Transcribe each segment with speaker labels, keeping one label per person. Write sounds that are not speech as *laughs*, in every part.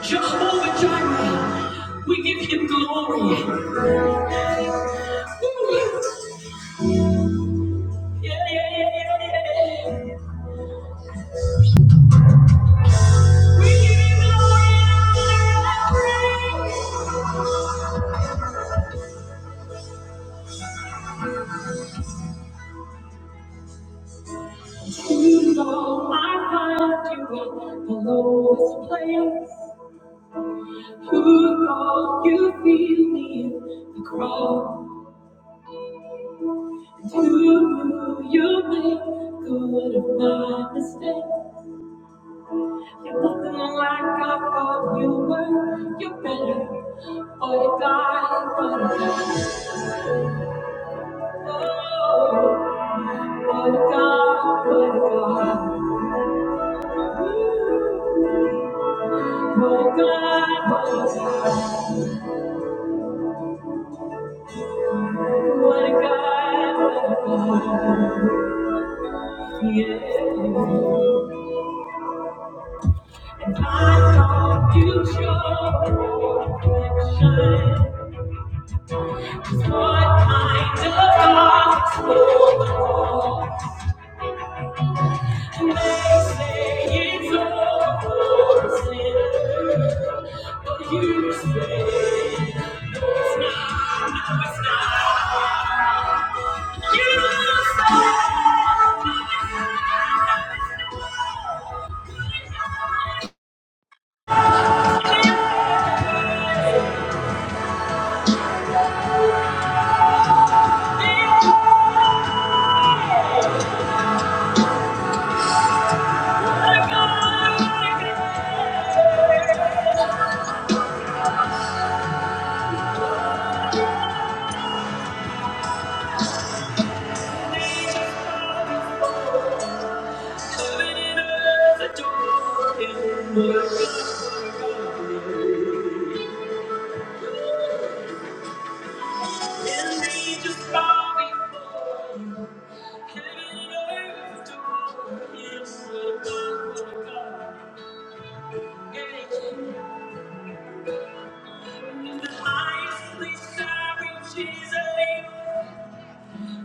Speaker 1: Jehovah Jireh, we give him glory. Yeah, yeah, yeah, yeah, yeah. yeah, yeah. We give him glory and honor and praise. Who thought I find you at the lowest place? Who thought you feel me in the cross? And who knew you make good of my mistakes? You're looking like I thought you were. You're better for the guy, for the guy. Oh, for the God. for the guy. For the guy, for the guy. What a God. what a God. Yeah. And I thought you showed reflection. What kind of God is gospel? Jesus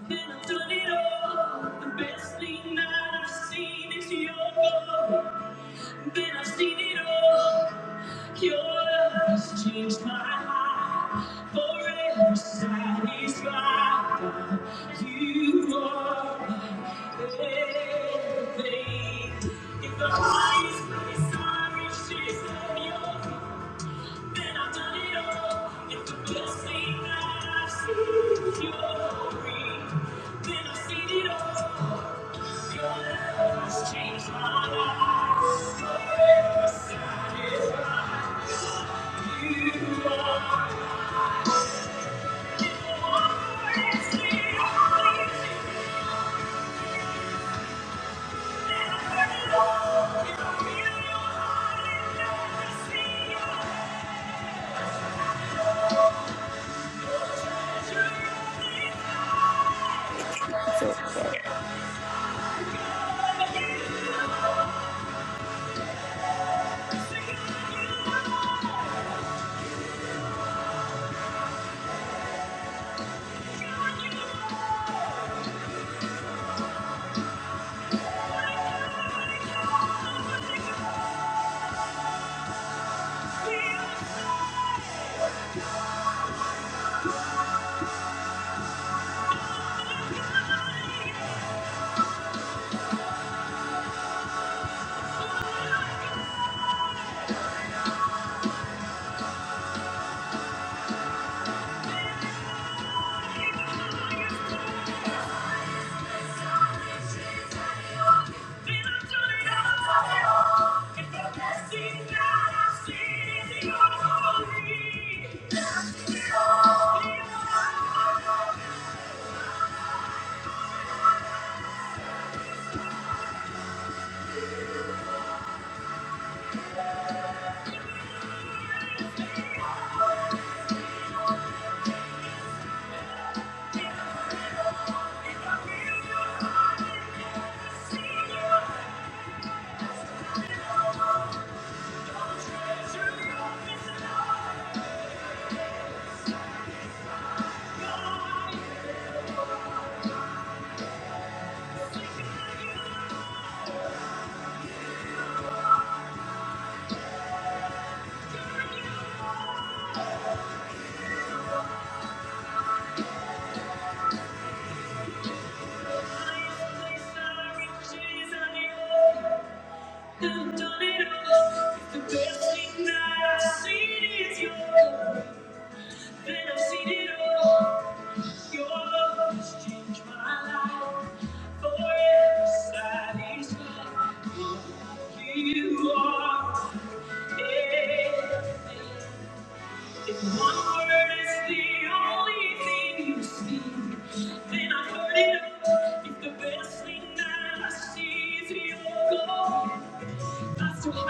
Speaker 1: If the highest place I reach is in your I've done it all. The best thing that I've seen is you. Then I've seen it all. Your love has changed my life. Forever satisfied. You are everything. If one word is the only thing you speak, then I've heard it all. If the best thing that I see is your glory. God, you are,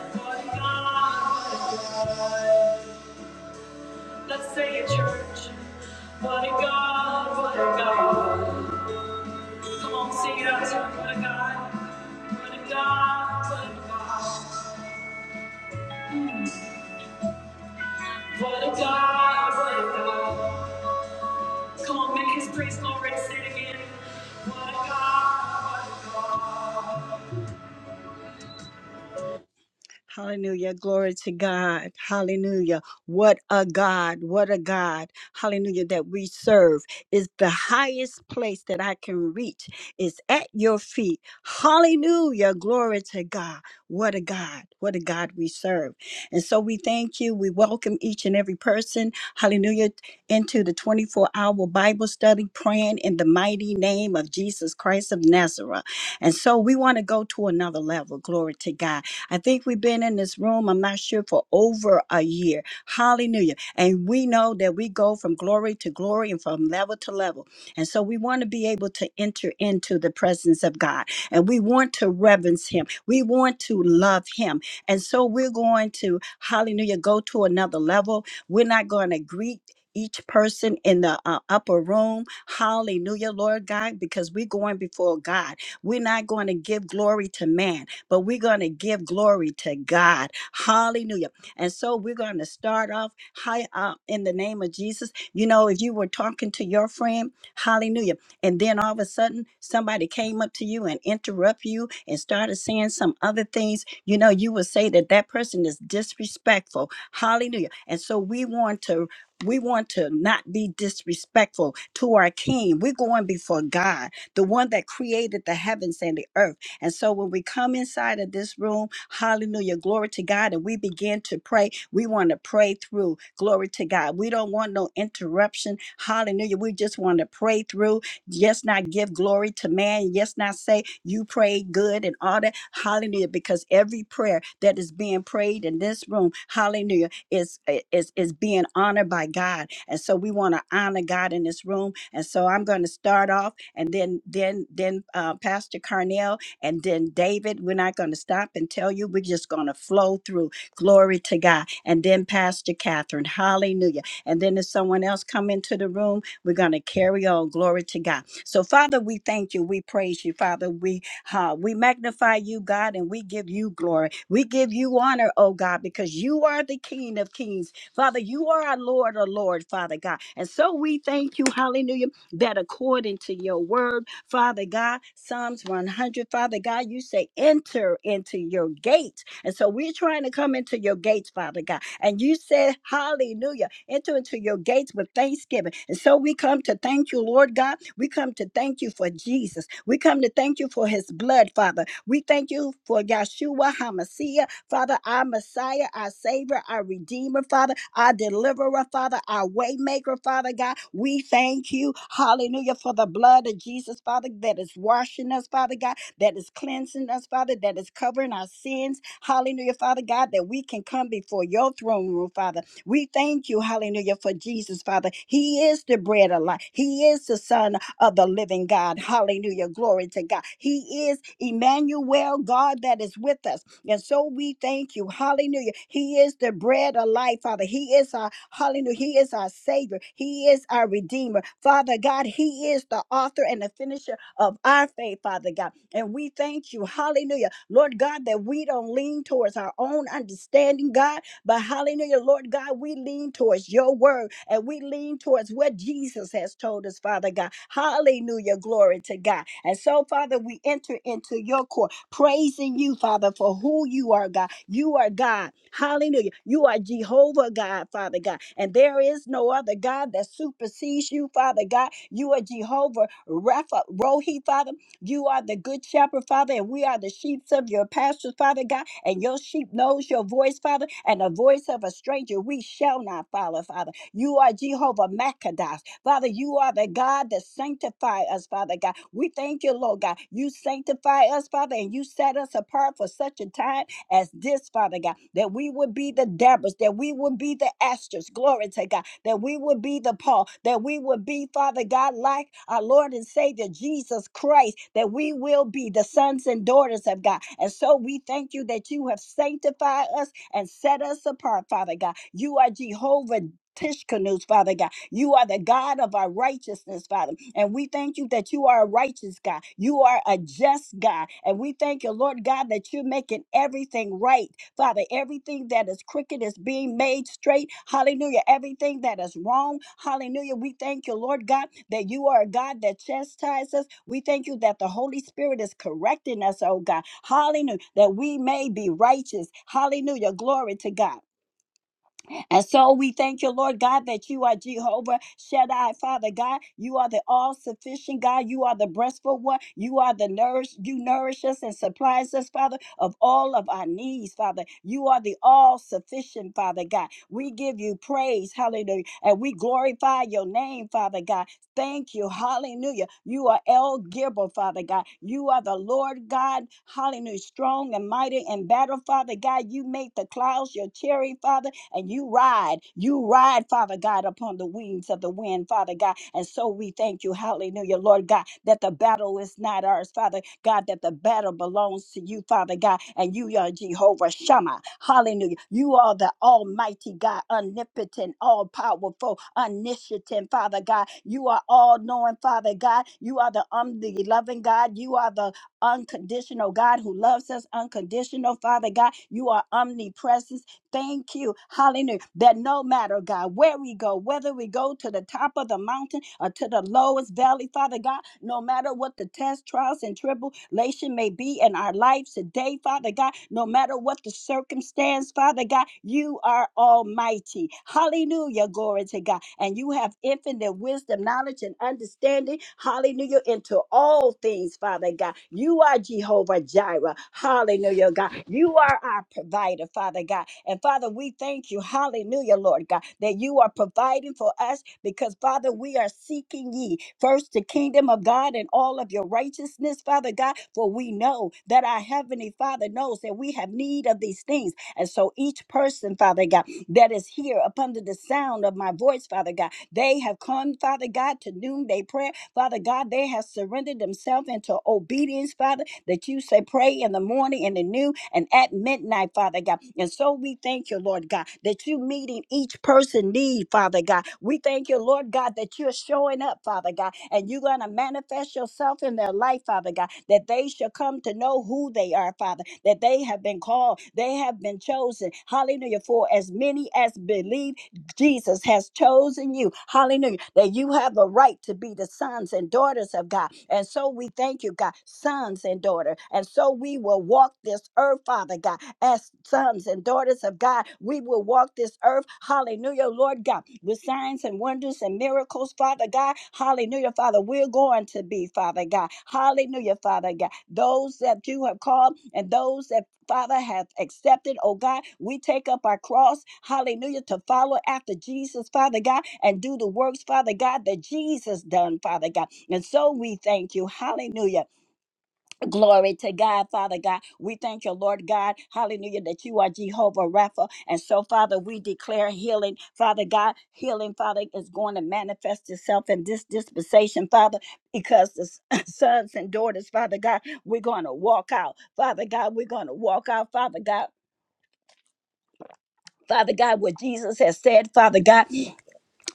Speaker 1: God, you are, God, God. Let's say it, church. What a God, what a God. Come on, sing it out to him. What a God, what a God, what a God. What a God, what a God. Come on, make his praise glory and say it again. What a God, what a God. Hallelujah. Glory to God. Hallelujah. What a God. What a God. Hallelujah. That we serve is the highest place that I can reach. It's at your feet. Hallelujah. Glory to God. What a God. What a God we serve. And so we thank you. We welcome each and every person. Hallelujah. Into the 24 hour Bible study, praying in the mighty name of Jesus Christ of Nazareth. And so we want to go to another level. Glory to God I think we've been in this room, I'm not sure, for over a year. Hallelujah. And we know that we go from glory to glory and from level to level. And so we want to be able to enter into the presence of God. And we want to reverence Him. We want to love Him. And so we're going to, hallelujah, go to another level. We're not going to greet each person in the uh, upper room. Hallelujah, Lord God, because we're going before God. We're not going to give glory to man but we're going to give glory to God. Hallelujah. And so we're going to start off high up in the name of Jesus. You know, if you were talking to your friend, hallelujah, and then all of a sudden somebody came up to you and interrupt you and started saying some other things, you know, you would say that that person is disrespectful. Hallelujah. And so we want to we want to not be disrespectful to our king. We're going before God, the one that created the heavens and the earth. And so when we come inside of this room, hallelujah, glory to God, and we begin to pray, we want to pray through, glory to God. We don't want no interruption, hallelujah. We just want to pray through, just not give glory to man, just not say you prayed good and all that, hallelujah, because every prayer that is being prayed in this room, hallelujah, is is is being honored by God. And so we want to honor God in this room. And so I'm going to start off and then then then uh, Pastor Carnell and then, David, we're not going to stop and tell you. We're just going to flow through. Glory to God. And then, Pastor Catherine, hallelujah. And then, if someone else come into the room, we're going to carry on. Glory to God. So, Father, we thank you. We praise you, Father. We uh, we magnify you, God, and we give you glory. We give you honor, oh God, because you are the King of Kings. Father, you are our Lord, our Lord, Father God. And so we thank you, hallelujah, that according to your word, Father God. Psalms 100, Father God, you say, enter into your gates. And so we're trying to come into your gates, Father God. And you said, hallelujah, enter into your gates with thanksgiving. And so we come to thank you, Lord God. We come to thank you for Jesus. We come to thank you for his blood, Father. We thank you for Yahshua HaMashiach. Father, our Messiah, our Savior, our Redeemer, Father, our Deliverer, Father, our Waymaker, Father God. We thank you, hallelujah, for the blood of Jesus, Father, that is washing us, Father God, that is cleansing us, Father, that is covering our sins, hallelujah, Father God, that we can come before your throne room, Father. We thank you, hallelujah, for Jesus, Father. He is the bread of life, He is the Son of the living God. Hallelujah. Glory to God. He is Emmanuel, God that is with us. And so we thank you. Hallelujah. He is the bread of life, Father. He is our, hallelujah. He is our Savior. He is our Redeemer. Father God, He is the author and the finisher of our faith, Father God. And we thank you. Hallelujah. Lord God, that we don't lean towards our own understanding, God but hallelujah, Lord God, we lean towards your word and we lean towards what Jesus has told us, Father God. Hallelujah, glory to God. And so, Father, we enter into your court, praising you, Father, for who you are, God. You are God. Hallelujah. You are Jehovah God, Father God. And there is no other God that supersedes you, Father God. You are Jehovah Rapha, Rohi, Father. You are the good shepherd, Father, and we are the sheep of your pastures, Father God. And your sheep knows your voice, Father, and the voice of a stranger we shall not follow, Father. You are Jehovah Machados. Father, you are the God that sanctify us, Father God. We thank you, Lord God. You sanctify us, Father, and you set us apart for such a time as this, Father God, that we would be the Deborahs, that we would be the Astors, glory to God, that we would be the Paul, that we would be, Father God, like our Lord and Savior Jesus Christ, that we will be the sons and daughters of God. And so we thank you that you have sanctified us and set us apart, Father God. You are Jehovah. Tishkanus, Father God. You are the God of our righteousness, Father. And we thank you that you are a righteous God. You are a just God. And we thank you, Lord God, that you're making everything right. Father, everything that is crooked is being made straight. Hallelujah. Everything that is wrong. Hallelujah. We thank you, Lord God, that you are a God that chastises. We thank you that the Holy Spirit is correcting us, oh God. Hallelujah. That we may be righteous. Hallelujah. Glory to God. And so we thank you, Lord God, that you are Jehovah Shaddai, Father God. You are the all sufficient God. You are the breastful one. You are the nourish. You nourish us and supplies us, Father, of all of our needs, Father. You are the all sufficient, Father God. We give you praise, hallelujah, and we glorify your name, Father God. Thank you, hallelujah. You are El Gibber, Father God. You are the Lord God, hallelujah, strong and mighty in battle, Father God. You make the clouds your chariot, Father and you ride, you ride, Father God, upon the wings of the wind, Father God. And so we thank you, hallelujah, Lord God, that the battle is not ours, Father God, that the battle belongs to you, Father God, and you are Jehovah Shammah, hallelujah. You are the Almighty God, omnipotent, all powerful, omniscient, Father God. You are all knowing, Father God. You are the omni loving God. You are the unconditional God who loves us unconditional, Father God. You are omnipresent, Thank you. Hallelujah. That no matter, God, where we go, whether we go to the top of the mountain or to the lowest valley, Father God, no matter what the test, trials, and tribulation may be in our lives today, Father God, no matter what the circumstance, Father God, you are almighty. Hallelujah. Glory to God. And you have infinite wisdom, knowledge, and understanding. Hallelujah. Into all things, Father God. You are Jehovah Jireh. Hallelujah, God. You are our provider, Father God. And Father, we thank you. Hallelujah, Lord God, that you are providing for us because, Father, we are seeking ye first the kingdom of God and all of your righteousness, Father God. For we know that our heavenly Father knows that we have need of these things. And so each person, Father God, that is here upon the sound of my voice, Father God, they have come, Father God, to noonday prayer Father God, they have surrendered themselves into obedience, Father, that you say, pray in the morning, in the noon, and at midnight, Father God. And so we thank you, Lord God, that you meeting each person need, Father God. We thank you, Lord God, that you're showing up, Father God, and you're going to manifest yourself in their life, Father God, that they shall come to know who they are, Father, that they have been called, they have been chosen. Hallelujah. For as many as believe Jesus has chosen you. Hallelujah. That you have a right to be the sons and daughters of God. And so we thank you, God, sons and daughter. And so we will walk this earth, Father God, as sons and daughters of God. We will walk this earth, hallelujah, Lord God, with signs and wonders and miracles, Father God. Hallelujah, Father. We're going to be, Father God. Hallelujah, Father God. Those that you have called and those that Father, have accepted. Oh God, we take up our cross, hallelujah, to follow after Jesus, Father God, and do the works, Father God, that Jesus done, Father God. And so we thank you, hallelujah. Glory to God, Father God. We thank you, Lord God. Hallelujah, that you are Jehovah Rapha. And so, Father, we declare healing. Father God, healing, Father, is going to manifest itself in this dispensation, Father, because the s- *laughs* sons and daughters, Father God, we're going to walk out. Father God, we're going to walk out, Father God. Father God, what Jesus has said, Father God.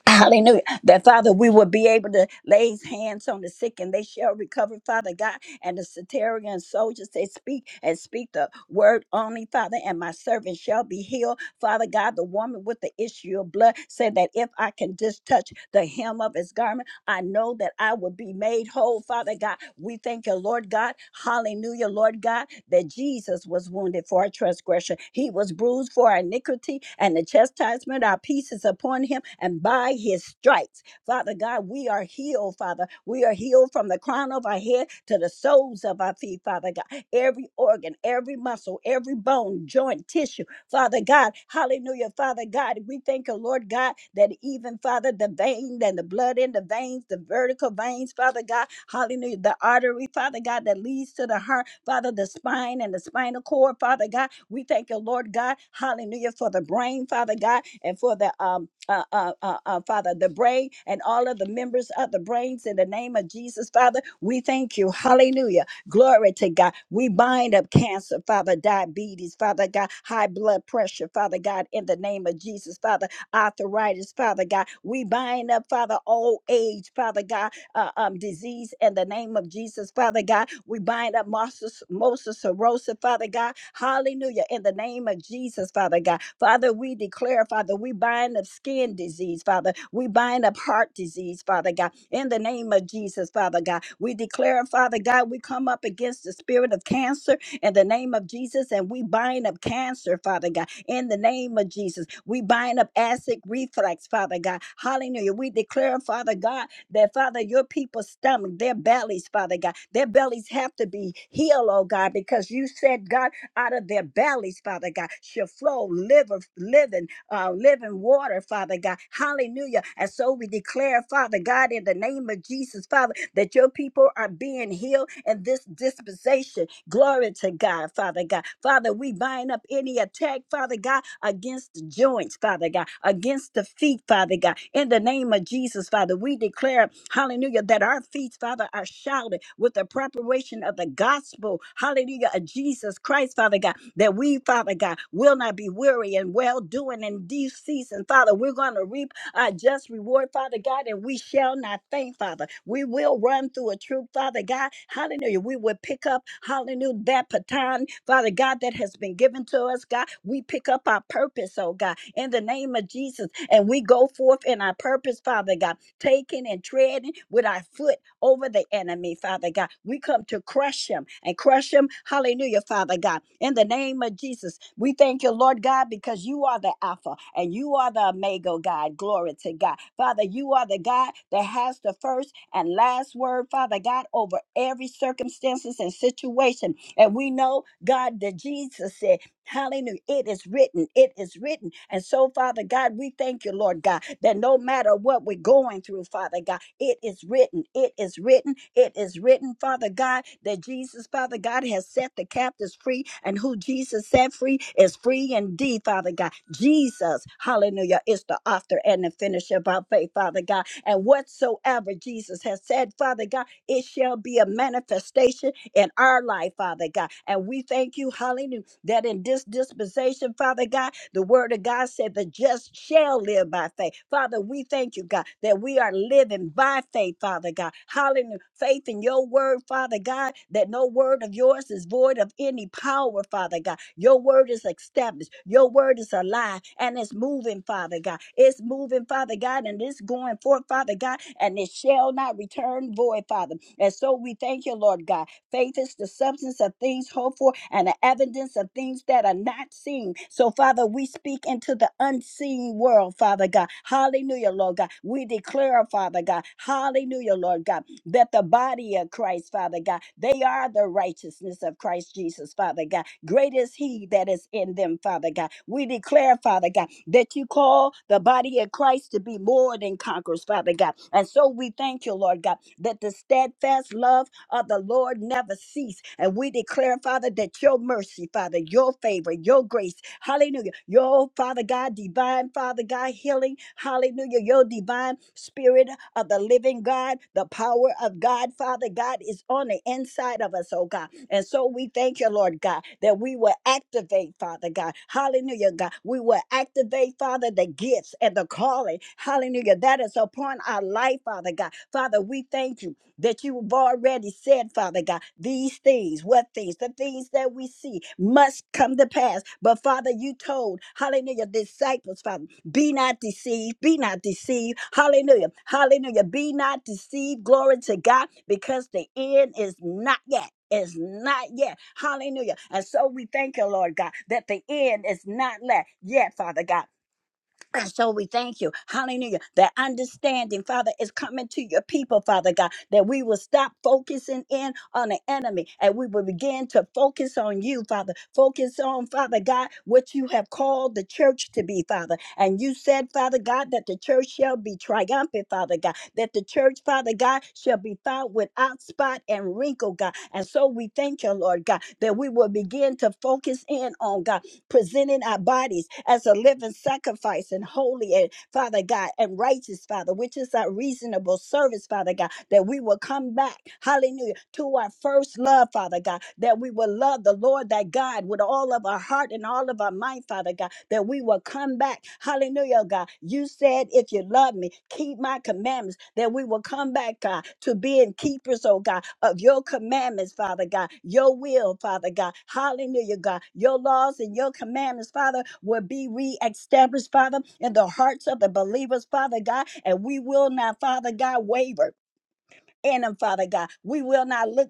Speaker 1: Hallelujah. That Father, we will be able to lay hands on the sick and they shall recover, Father God. And the Satarian soldiers, they speak and speak the word only, Father, and my servant shall be healed. Father God, the woman with the issue of blood said that if I can just touch the hem of his garment, I know that I will be made whole, Father God. We thank you, Lord God. Hallelujah, Lord God, that Jesus was wounded for our transgression. He was bruised for our iniquity, and the chastisement, our peace is upon him, and by his stripes, Father God, we are healed, Father. We are healed from the crown of our head to the soles of our feet, Father God. Every organ, every muscle, every bone, joint, tissue Father God. Hallelujah, Father God. We thank you, Lord God, that even, Father, the vein and the blood in the veins, the vertical veins, Father God, hallelujah, the artery, Father God, that leads to the heart, Father, the spine and the spinal cord, Father God. We thank you, Lord God, hallelujah, for the brain, Father God, and for the um uh, uh, uh, uh, Father, the brain and all of the members of the brains in the name of Jesus, Father. We thank you. Hallelujah. Glory to God. We bind up cancer, Father, diabetes, Father God, high blood pressure, Father God, in the name of Jesus, Father, arthritis, Father God. We bind up, Father, old age, Father God uh, um, disease in the name of Jesus, Father God. We bind up Moses, Moses Sarosa, Father God. Hallelujah. In the name of Jesus, Father God. Father, we declare, Father, we bind up skin disease, Father. We bind up heart disease, Father God. In the name of Jesus, Father God. We declare, Father God, we come up against the spirit of cancer in the name of Jesus, and we bind up cancer, Father God, in the name of Jesus. We bind up acid reflux, Father God. Hallelujah. We declare, Father God, that Father, your people's stomach, their bellies, Father God, their bellies have to be healed, oh God, because you said, God, out of their bellies, Father God, shall flow liver, living, uh, living water, Father God. Hallelujah. And so we declare, Father God, in the name of Jesus, Father that your people are being healed in this dispensation. Glory to God, Father God. Father, we bind up any attack, Father God, against the joints, Father God, against the feet, Father God. In the name of Jesus, Father, we declare, hallelujah, that our feet, Father, are shouted with the preparation of the gospel, hallelujah, of Jesus Christ, Father God, that we, Father God, will not be weary and well doing in due season, Father. We're going to reap our just reward, Father God, and we shall not faint, Father. We will run through a troop, Father God. Hallelujah. We will pick up, hallelujah, that baton, Father God, that has been given to us, God. We pick up our purpose, oh God, in the name of Jesus, and we go forth in our purpose, Father God taking and treading with our foot over the enemy, Father God. We come to crush him and crush him. Hallelujah, Father God. In the name of Jesus, we thank you, Lord God, because you are the Alpha and you are the Omega, oh God. Glory to God. Father, you are the God that has the first and last word, Father God, over every circumstances and situation. And we know, God, that Jesus said. Hallelujah. It is written. It is written. And so, Father God, we thank you, Lord God, that no matter what we're going through, Father God, it is written. It is written. It is written, Father God, that Jesus, Father God, has set the captives free. And who Jesus set free is free indeed, Father God. Jesus, hallelujah, is the author and the finisher of our faith, Father God. And whatsoever Jesus has said, Father God, it shall be a manifestation in our life, Father God. And we thank you, hallelujah that in this dispensation, Father God, the word of God said the just shall live by faith. Father, we thank you, God, that we are living by faith, Father God. Hallelujah. Faith in your word, Father God, that no word of yours is void of any power, Father God. Your word is established. Your word is alive and it's moving, Father God. It's moving, Father God, and it's going forth, Father God, and it shall not return void, Father. And so we thank you, Lord God. Faith is the substance of things hoped for and the evidence of things that are not seen. So, Father, we speak into the unseen world, Father God. Hallelujah, Lord God. We declare, Father God, hallelujah, Lord God, that the body of Christ, Father God, they are the righteousness of Christ Jesus, Father God. Great is he that is in them, Father God. We declare, Father God, that you call the body of Christ to be more than conquerors, Father God. And so we thank you, Lord God, that the steadfast love of the Lord never cease. And we declare, Father, that your mercy, Father, your favor, your grace, hallelujah, your Father God, divine Father God, thy healing. Hallelujah. Your divine spirit of the living God, the power of God, Father God, is on the inside of us, oh God. And so we thank you, Lord God, that we will activate, Father God. Hallelujah, God. We will activate, Father, the gifts and the calling. Hallelujah. That is upon our life, Father God. Father, we thank you that you've already said, Father God, these things, what things, the things that we see must come to pass. But Father, you told, hallelujah, disciples, Father. Be not deceived. Be not deceived. Hallelujah. Hallelujah. Be not deceived. Glory to God because the end is not yet. Is not yet. Hallelujah. And so we thank you, Lord God, that the end is not let yet, Father God. And so we thank you, hallelujah. That understanding, Father, is coming to your people, Father God, that we will stop focusing in on the enemy and we will begin to focus on you, Father. Focus on, Father God, what you have called the church to be, Father. And you said, Father God, that the church shall be triumphant, Father God, that the church, Father God, shall be found without spot and wrinkle, God. And so we thank you, Lord God, that we will begin to focus in on God presenting our bodies as a living sacrifice and holy and Father God and righteous, Father, which is our reasonable service, Father God, that we will come back, hallelujah, to our first love, Father God, that we will love the Lord thy God with all of our heart and all of our mind, Father God, that we will come back, hallelujah, oh God. You said, if you love me, keep my commandments, that we will come back, God, to being keepers, oh God, of your commandments, Father God, your will, Father God. Hallelujah, God. Your laws and your commandments, Father, will be reestablished, Father, in the hearts of the believers, Father God, and we will not, Father God, waver. In them, Father God. We will not look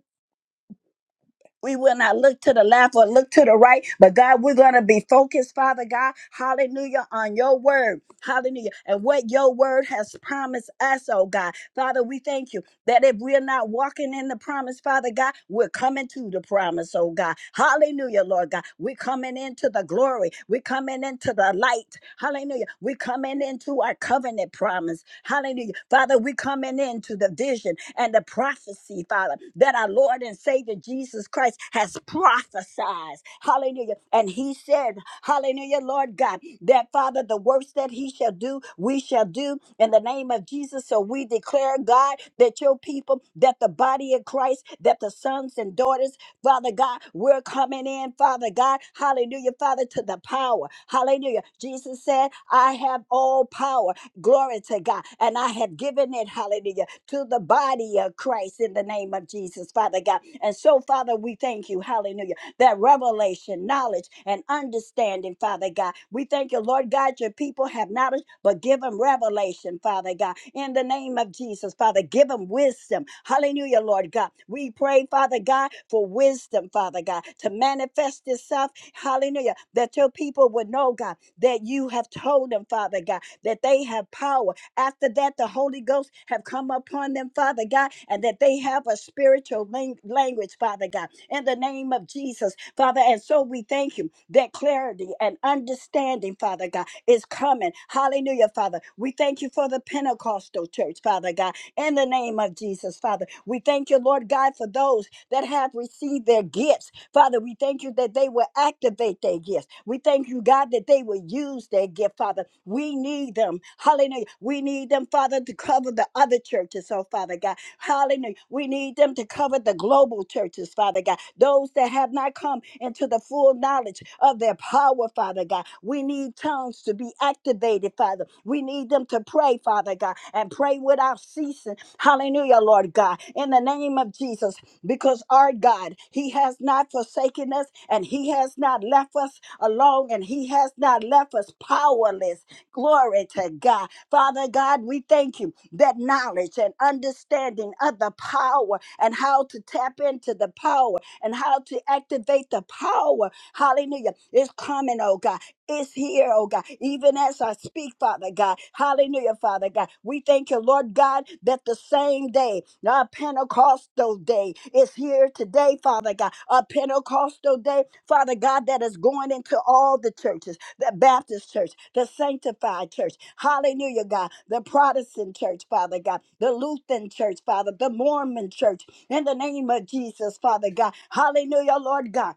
Speaker 1: we will not look to the left or look to the right, but God, we're going to be focused, Father God, hallelujah, on your word, hallelujah, and what your word has promised us, oh God. Father, we thank you that if we're not walking in the promise, Father God, we're coming to the promise, oh God. Hallelujah, Lord God. We're coming into the glory. We're coming into the light. Hallelujah. We're coming into our covenant promise. Hallelujah. Father, we're coming into the vision and the prophecy prophecy, Father, that our Lord and Savior Jesus Christ has prophesied. Hallelujah. And he said, Hallelujah, Lord God, that Father, the works that he shall do, we shall do in the name of Jesus. So we declare, God, that your people, that the body of Christ, that the sons and daughters Father God, we're coming in, Father God. Hallelujah, Father, to the power. Hallelujah. Jesus said, I have all power. Glory to God. And I have given it, hallelujah, to the body of Christ in the name of Jesus, Father God. And so, Father, we thank you, hallelujah that revelation, knowledge, and understanding, Father God. We thank you, Lord God, your people have knowledge, but give them revelation, Father God. In the name of Jesus, Father, give them wisdom. Hallelujah, Lord God. We pray, Father God, for wisdom, Father God, to manifest itself. Hallelujah. That your people would know, God, that you have told them, Father God, that they have power. After that, the Holy Ghost have come upon them, Father God, and that they have a spiritual lang- language, Father God. In the name of of Jesus, Father. And so we thank you that clarity and understanding, Father God, is coming. Hallelujah, Father. We thank you for the Pentecostal church, Father God, in the name of Jesus, Father. We thank you, Lord God, for those that have received their gifts. Father, we thank you that they will activate their gifts. We thank you, God, that they will use their gift, Father. We need them. Hallelujah. We need them, Father, to cover the other churches, oh, Father God. Hallelujah. We need them to cover the global churches, Father God those that have not come into the full knowledge of their power, Father God. We need tongues to be activated, Father. We need them to pray, Father God, and pray without ceasing. Hallelujah, Lord God, in the name of Jesus, because our God, He has not forsaken us and He has not left us alone and He has not left us powerless. Glory to God. Father God, we thank you that knowledge and understanding of the power and how to tap into the power and how to activate the power. Hallelujah. It's coming, oh God. It's here, oh God. Even as I speak, Father God. Hallelujah, Father God. We thank you, Lord God, that the same day, our Pentecostal day, is here today, Father God. A Pentecostal day, Father God, that is going into all the churches the Baptist church, the sanctified church. Hallelujah, God. The Protestant church, Father God. The Lutheran church, Father. The Mormon church in the name of Jesus, Father God. Hallelujah, Lord God.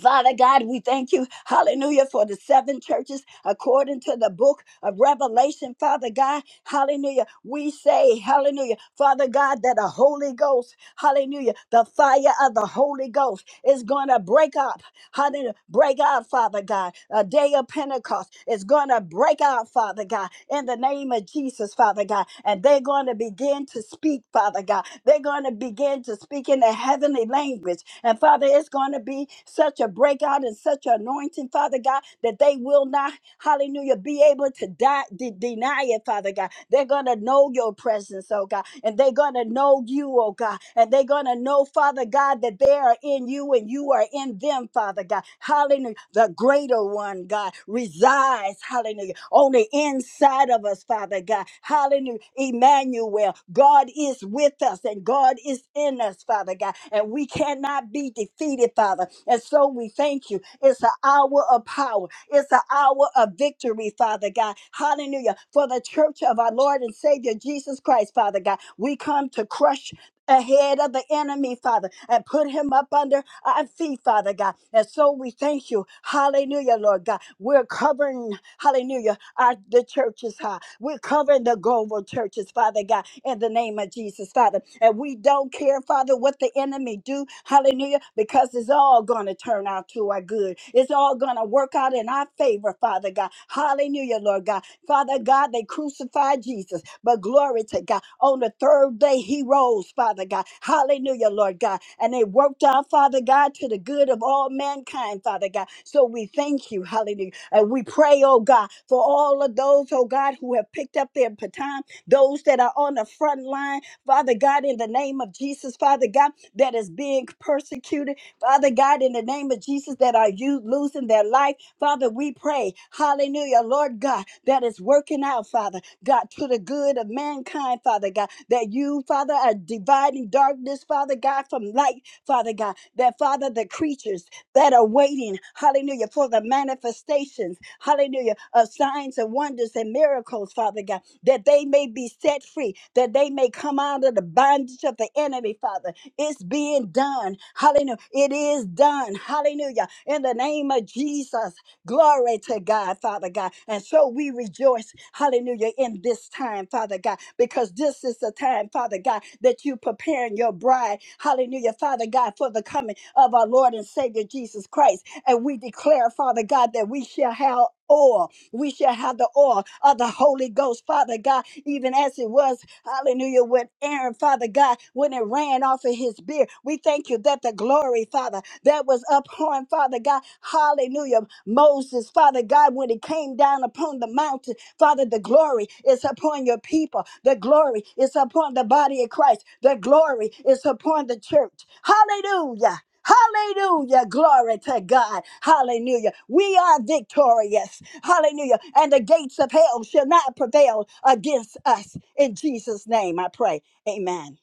Speaker 1: Father God, we thank you, hallelujah, for the seven churches according to the book of Revelation, Father God, hallelujah. We say, hallelujah, Father God, that the Holy Ghost, hallelujah, the fire of the Holy Ghost is going to break out. Hallelujah. Break out, Father God. A day of Pentecost is going to break out, Father God, in the name of Jesus, Father God. And they're going to begin to speak, Father God. They're going to begin to speak in the heavenly language. And Father, it's going to be such a breakout and such an anointing, Father God, that they will not, hallelujah, be able to die, de- deny it, Father God. They're going to know your presence, oh God. And they're going to know you, oh God. And they're going to know, Father God, that that they are in you and you are in them, Father God. Hallelujah. The greater one, God, resides, hallelujah, on the inside of us, Father God. Hallelujah. Emmanuel, God is with us and God is in us, Father God. And we cannot be defeated, Father. And so we thank you. It's an hour of power. It's an hour of victory, Father God. Hallelujah. For the church of our Lord and Savior Jesus Christ, Father God, we come to crush ahead of the enemy, Father, and put him up under our feet, Father God. And so we thank you. Hallelujah, Lord God. We're covering, hallelujah, our the churches, huh? We're covering the global churches, Father God, in the name of Jesus, Father. And we don't care, Father, what the enemy do, hallelujah, because it's all gonna turn out to our good. It's all gonna work out in our favor, Father God. Hallelujah, Lord God. Father God, they crucified Jesus, but glory to God. On the third day, he rose, Father God. Hallelujah, Lord God. And they worked out, Father God, to the good of all mankind, Father God. So we thank you, hallelujah. And we pray, oh God, for all of those, oh God, who have picked up their baton, those that are on the front line, Father God, in the name of Jesus, Father God, that is being persecuted. Father God, in the name of Jesus, that are you losing their life, Father, we pray, hallelujah, Lord God, that is working out, Father, God, to the good of mankind, Father God, that you, Father, are dividing darkness, Father God, from light, Father God, that, Father, the creatures that are waiting, hallelujah, for the manifestations, hallelujah, of signs and wonders and miracles, Father God, that they may be set free, that they may come out of the bondage of the enemy, Father, it's being done. Hallelujah. It is done. Hallelujah. In the name of Jesus. Glory to God, Father God. And so we rejoice, hallelujah, in this time, Father God, because this is the time, Father God, that you preparing your bride, hallelujah, Father God, for the coming of our Lord and Savior Jesus Christ. And we declare, Father God, that we shall have oil. We shall have the oil of the Holy Ghost, Father God, even as it was Hallelujah. When Aaron, Father God, when it ran off of his beard, we thank you that the glory, Father, that was upon, Father God. Hallelujah. Moses, Father God, when he came down upon the mountain, Father, the glory is upon your people. The glory is upon the body of Christ. The glory is upon the church. Hallelujah. Hallelujah. Glory to God. Hallelujah. We are victorious. Hallelujah. And the gates of hell shall not prevail against us. In Jesus' name, I pray. Amen.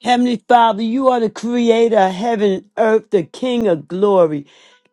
Speaker 2: Heavenly Father, you are the creator of heaven and earth, the King of glory.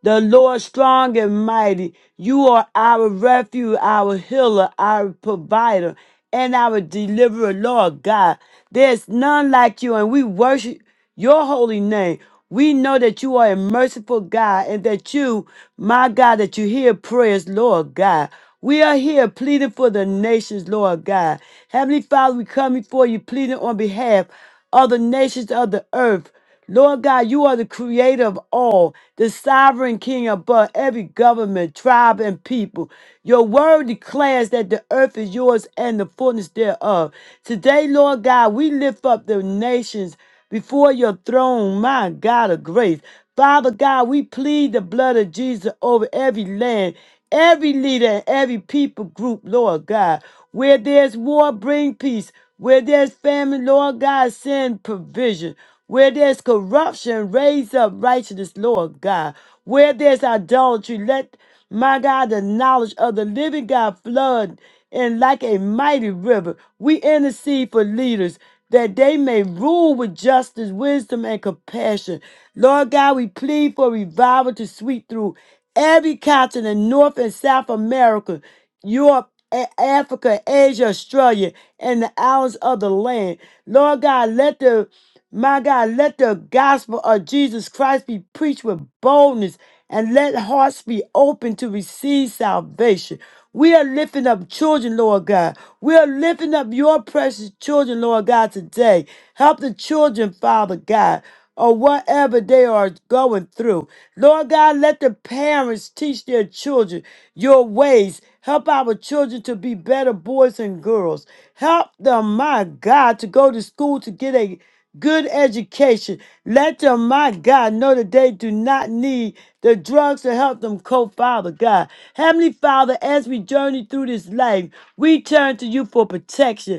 Speaker 2: The Lord strong and mighty. You are our refuge, our healer, our provider, and our deliverer, Lord God. There's none like you, and we worship your holy name. We know that you are a merciful God and that you, my God, that you hear prayers, Lord God. We are here pleading for the nations, Lord God. Heavenly Father, we come before you pleading on behalf of the nations of the earth. Lord God, you are the creator of all, the sovereign king above every government, tribe, and people. Your word declares that the earth is yours and the fullness thereof. Today, Lord God, we lift up the nations before your throne, my God of grace. Father God, we plead the blood of Jesus over every land, every leader, and every people group, Lord God. Where there's war, bring peace. Where there's famine, Lord God, send provision. Where there's corruption, raise up righteousness, Lord God. Where there's idolatry, let my God, the knowledge of the living God flood in like a mighty river. We intercede for leaders that they may rule with justice, wisdom, and compassion. Lord God, we plead for revival to sweep through Every continent, North and South America, Europe, A- Africa, Asia, Australia, and the islands of the land. Lord God, let the my God, let the gospel of Jesus Christ be preached with boldness and let hearts be open to receive salvation. We are lifting up children, Lord God. We are lifting up your precious children, Lord God, today. Help the children, Father God or whatever they are going through. Lord God, let the parents teach their children your ways. Help our children to be better boys and girls. Help them, my God, to go to school to get a good education. Let them, my God, know that they do not need the drugs to help them cope, Father God. Heavenly Father, as we journey through this life, we turn to you for protection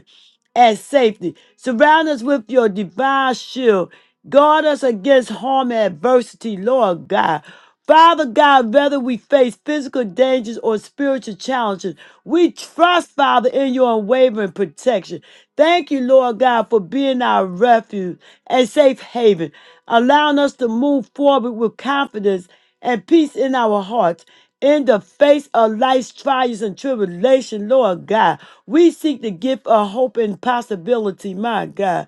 Speaker 2: and safety. Surround us with your divine shield. Guard us against harm and adversity, Lord God. Father God, whether we face physical dangers or spiritual challenges, we trust, Father, in your unwavering protection. Thank you, Lord God, for being our refuge and safe haven, allowing us to move forward with confidence and peace in our hearts. In the face of life's trials and tribulation, Lord God, we seek the gift of hope and possibility, my God.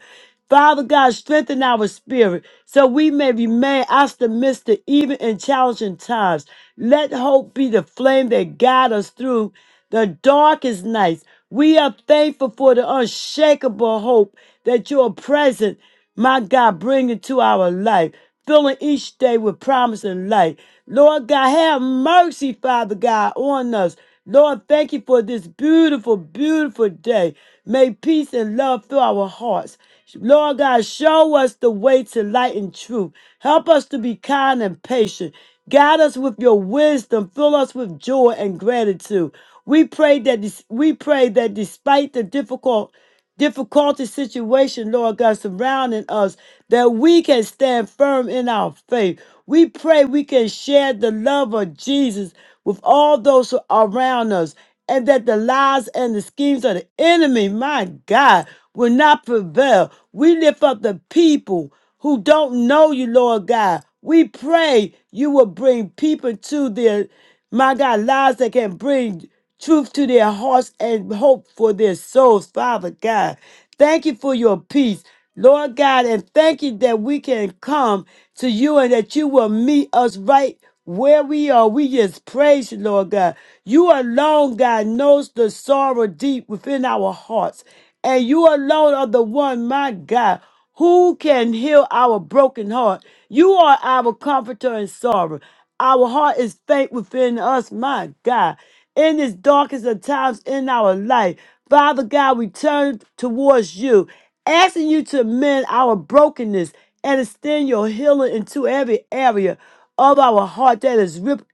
Speaker 2: Father God, strengthen our spirit so we may remain optimistic even in challenging times. Let hope be the flame that guides us through the darkest nights. We are thankful for the unshakable hope that you are present my God, bring into our life, filling each day with promise and light. Lord God, have mercy, Father God, on us. Lord, thank you for this beautiful, beautiful day. May peace and love fill our hearts. Lord God, show us the way to light and truth. Help us to be kind and patient. Guide us with your wisdom. Fill us with joy and gratitude. We pray that des- we pray that despite the difficult difficulty situation, Lord God, surrounding us, that we can stand firm in our faith. We pray we can share the love of Jesus with all those who are around us, and that the lies and the schemes of the enemy, my God, will not prevail. We lift up the people who don't know you, Lord God. We pray you will bring people to their, my God, lives that can bring truth to their hearts and hope for their souls, Father God. Thank you for your peace, Lord God, and thank you that we can come to you and that you will meet us right where we are. We just praise you, Lord God. You alone, God, knows the sorrow deep within our hearts. And you alone are the one, my God, who can heal our broken heart. You are our comforter in sorrow. Our heart is faint within us, my God in this darkest of times in our life. Father God, we turn towards you, asking you to mend our brokenness and extend your healing into every area of our heart that is ripped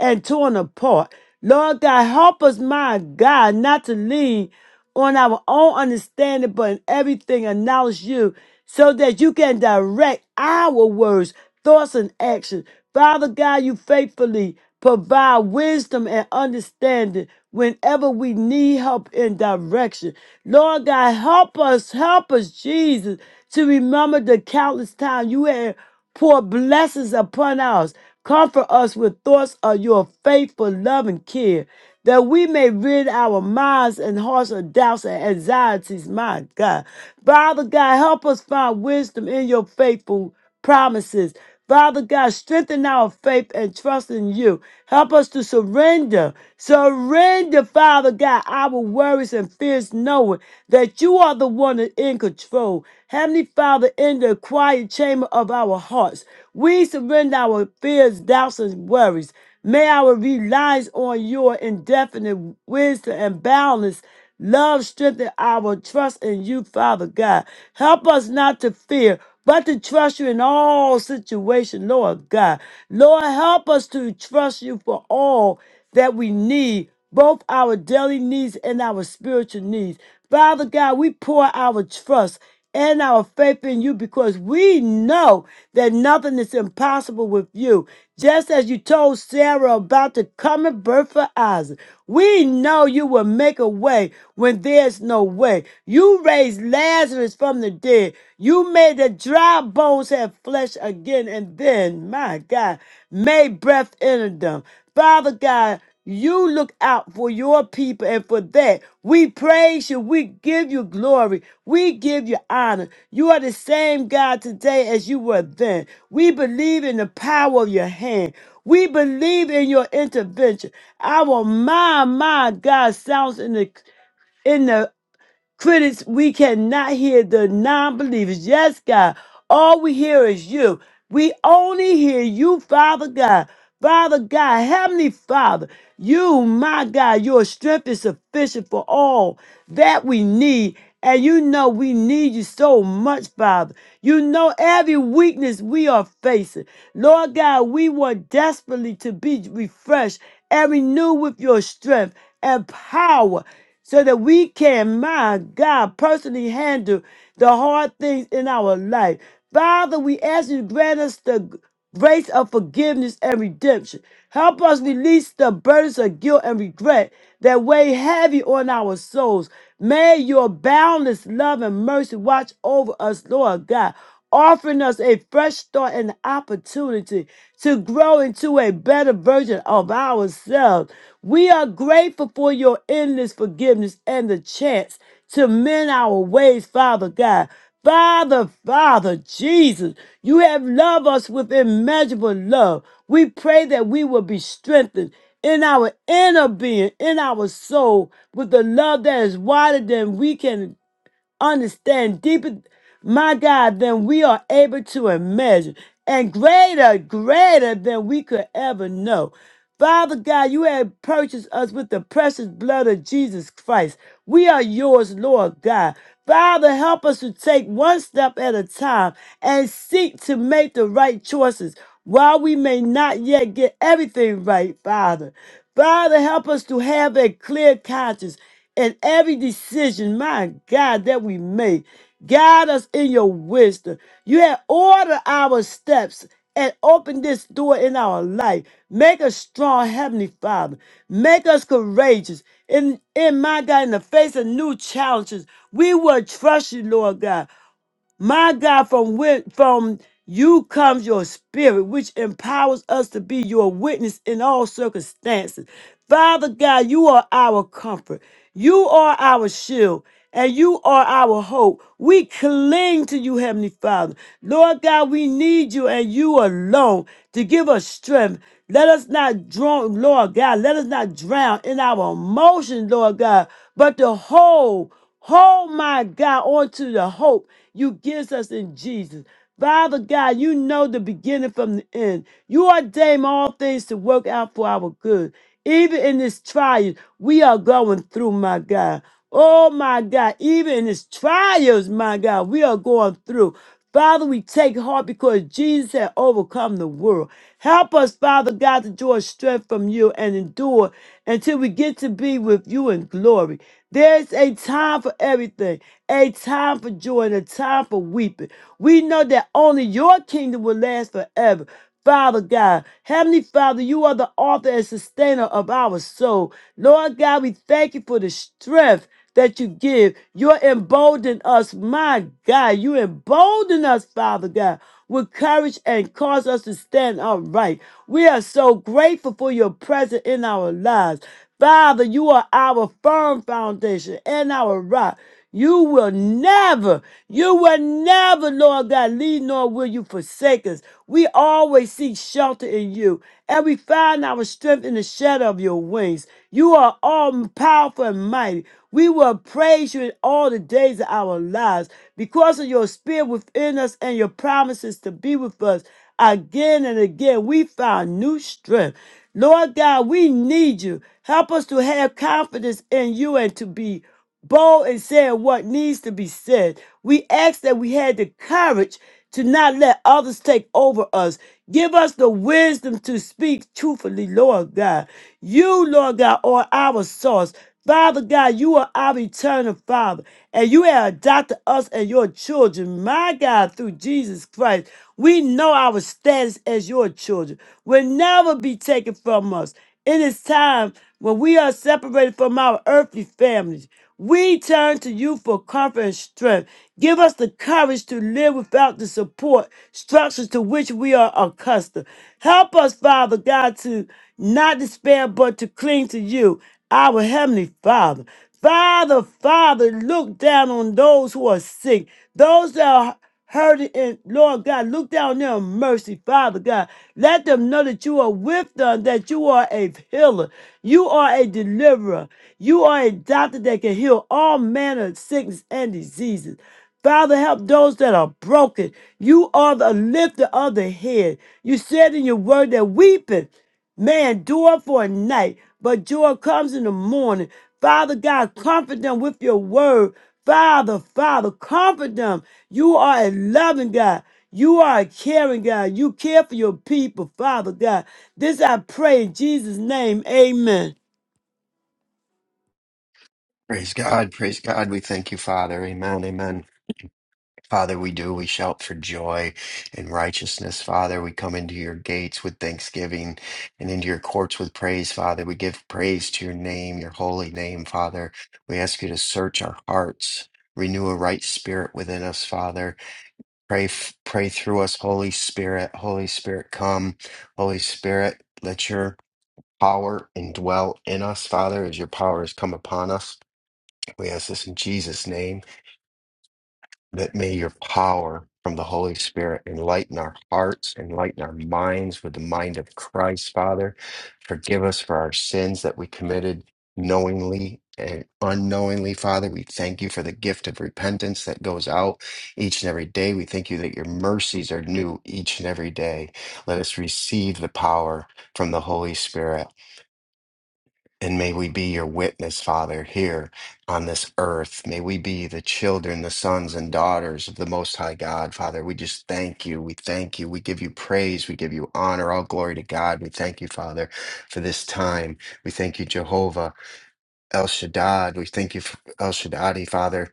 Speaker 2: and torn apart. Lord God, help us, my God, not to lean on our own understanding, but in everything acknowledge you so that you can direct our words, thoughts, and actions. Father God, you faithfully provide wisdom and understanding whenever we need help and direction. Lord God, help us, help us, Jesus, to remember the countless times you have poured blessings upon us. Comfort us with thoughts of your faithful love and care, that we may rid our minds and hearts of doubts and anxieties, my God. Father God, help us find wisdom in your faithful promises Father God, strengthen our faith and trust in you. Help us to surrender. Surrender, Father God, our worries and fears, knowing that you are the one in control. Heavenly Father, in the quiet chamber of our hearts, we surrender our fears, doubts, and worries. May our reliance on your indefinite wisdom and boundless love strengthen our trust in you, Father God. Help us not to fear, but to trust you in all situations, Lord God. Lord, help us to trust you for all that we need, both our daily needs and our spiritual needs. Father God, we pour our trust and our faith in you because we know that nothing is impossible with you. Just as you told Sarah about the coming birth of Isaac, we know you will make a way when there's no way. You raised Lazarus from the dead. You made the dry bones have flesh again, and then, my God, made breath enter them. Father God, you look out for your people, and for that, we praise you. We give you glory. We give you honor. You are the same God today as you were then. We believe in the power of your hand. We believe in your intervention. Our my, my God sounds in the in the critics. We cannot hear the non-believers. Yes, God. All we hear is you. We only hear you, Father God. Father God, Heavenly Father, you, my God, your strength is sufficient for all that we need. And you know we need you so much, Father. You know every weakness we are facing. Lord God, we want desperately to be refreshed and renewed with your strength and power so that we can, my God, personally handle the hard things in our life. Father, we ask you to grant us the grace of forgiveness and redemption. Help us release the burdens of guilt and regret that weigh heavy on our souls. May your boundless love and mercy watch over us, Lord God, offering us a fresh start and opportunity to grow into a better version of ourselves. We are grateful for your endless forgiveness and the chance to mend our ways, Father God. Father, Father, Jesus. You have loved us with immeasurable love. We pray that we will be strengthened in our inner being, in our soul, with the love that is wider than we can understand deeper, my God, than we are able to imagine, and greater, greater than we could ever know. Father God, you have purchased us with the precious blood of Jesus Christ. We are yours, Lord God. Father, help us to take one step at a time and seek to make the right choices while we may not yet get everything right, Father. Father, help us to have a clear conscience in every decision, my God, that we make. Guide us in your wisdom. You have ordered our steps and open this door in our life. Make us strong, Heavenly Father. Make us courageous. In, in my God, in the face of new challenges, we will trust you, Lord God. My God, from whi- from you comes your spirit, which empowers us to be your witness in all circumstances. Father God, you are our comfort. You are our shield. And you are our hope. We cling to you, Heavenly Father. Lord God, we need you and you alone to give us strength. Let us not drown, Lord God, let us not drown in our emotions, Lord God, but to hold Hold my God onto the hope you gives us in Jesus. Father God, you know the beginning from the end. You ordain all things to work out for our good. Even in this trial we are going through, my God. Oh, my God. Even in these trials, my God, we are going through. Father, we take heart because Jesus had overcome the world. Help us, Father God, to draw strength from you and endure until we get to be with you in glory. There's a time for everything a time for joy and a time for weeping. We know that only your kingdom will last forever. Father God, Heavenly Father, you are the author and sustainer of our soul. Lord God, we thank you for the strength that you give. You're emboldening us, my God. You embolden us, Father God with courage and cause us to stand upright. We are so grateful for your presence in our lives. Father, you are our firm foundation and our rock. You will never, you will never, Lord God, leave nor will you forsake us. We always seek shelter in you, and we find our strength in the shadow of your wings. You are all powerful and mighty. We will praise you in all the days of our lives because of your spirit within us and your promises to be with us again and again. We find new strength. Lord God, we need you. Help us to have confidence in you and to be bold in saying what needs to be said. We ask that we had the courage to not let others take over us. Give us the wisdom to speak truthfully, Lord God. You, Lord God, are our source. Father God, you are our eternal Father, and you have adopted us and your children, my God, through Jesus Christ. We know our status as your children will never be taken from us. In this time when we are separated from our earthly families. We turn to you for comfort and strength. Give us the courage to live without the support structures to which we are accustomed. Help us, Father God, to not despair but to cling to you our Heavenly Father, Father, Father, look down on those who are sick, those that are hurting, and Lord God, look down on their mercy, Father God. Let them know that you are with them, that you are a healer, you are a deliverer, you are a doctor that can heal all manner of sickness and diseases. Father, help those that are broken. You are the lifter of the head. You said in your word that weeping may endure for a night, but joy comes in the morning. Father God, comfort them with your word. Father, Father, comfort them. You are a loving God. You are a caring God. You care for your people, Father God. This I pray in Jesus' name. Amen.
Speaker 3: Praise God, praise God. We thank you, Father. Amen, amen. Father, we do. We shout for joy and righteousness, Father. We come into your gates with thanksgiving and into your courts with praise, Father. We give praise to your name, your holy name, Father. We ask you to search our hearts, renew a right spirit within us, Father. Pray, f- pray through us, Holy Spirit. Holy Spirit, come. Holy Spirit, let your power indwell in us, Father, as your power has come upon us. We ask this in Jesus' name. That may your power from the Holy Spirit enlighten our hearts, enlighten our minds with the mind of Christ, Father. Forgive us for our sins that we committed knowingly and unknowingly, Father. We thank you for the gift of repentance that goes out each and every day. We thank you that your mercies are new each and every day. Let us receive the power from the Holy Spirit. And may we be your witness, Father, here on this earth. May we be the children, the sons and daughters of the Most High God, Father. We just thank you. We thank you. We give you praise. We give you honor. All glory to God. We thank you, Father, for this time. We thank you, Jehovah El Shaddad. We thank you, for El Shaddadi, Father.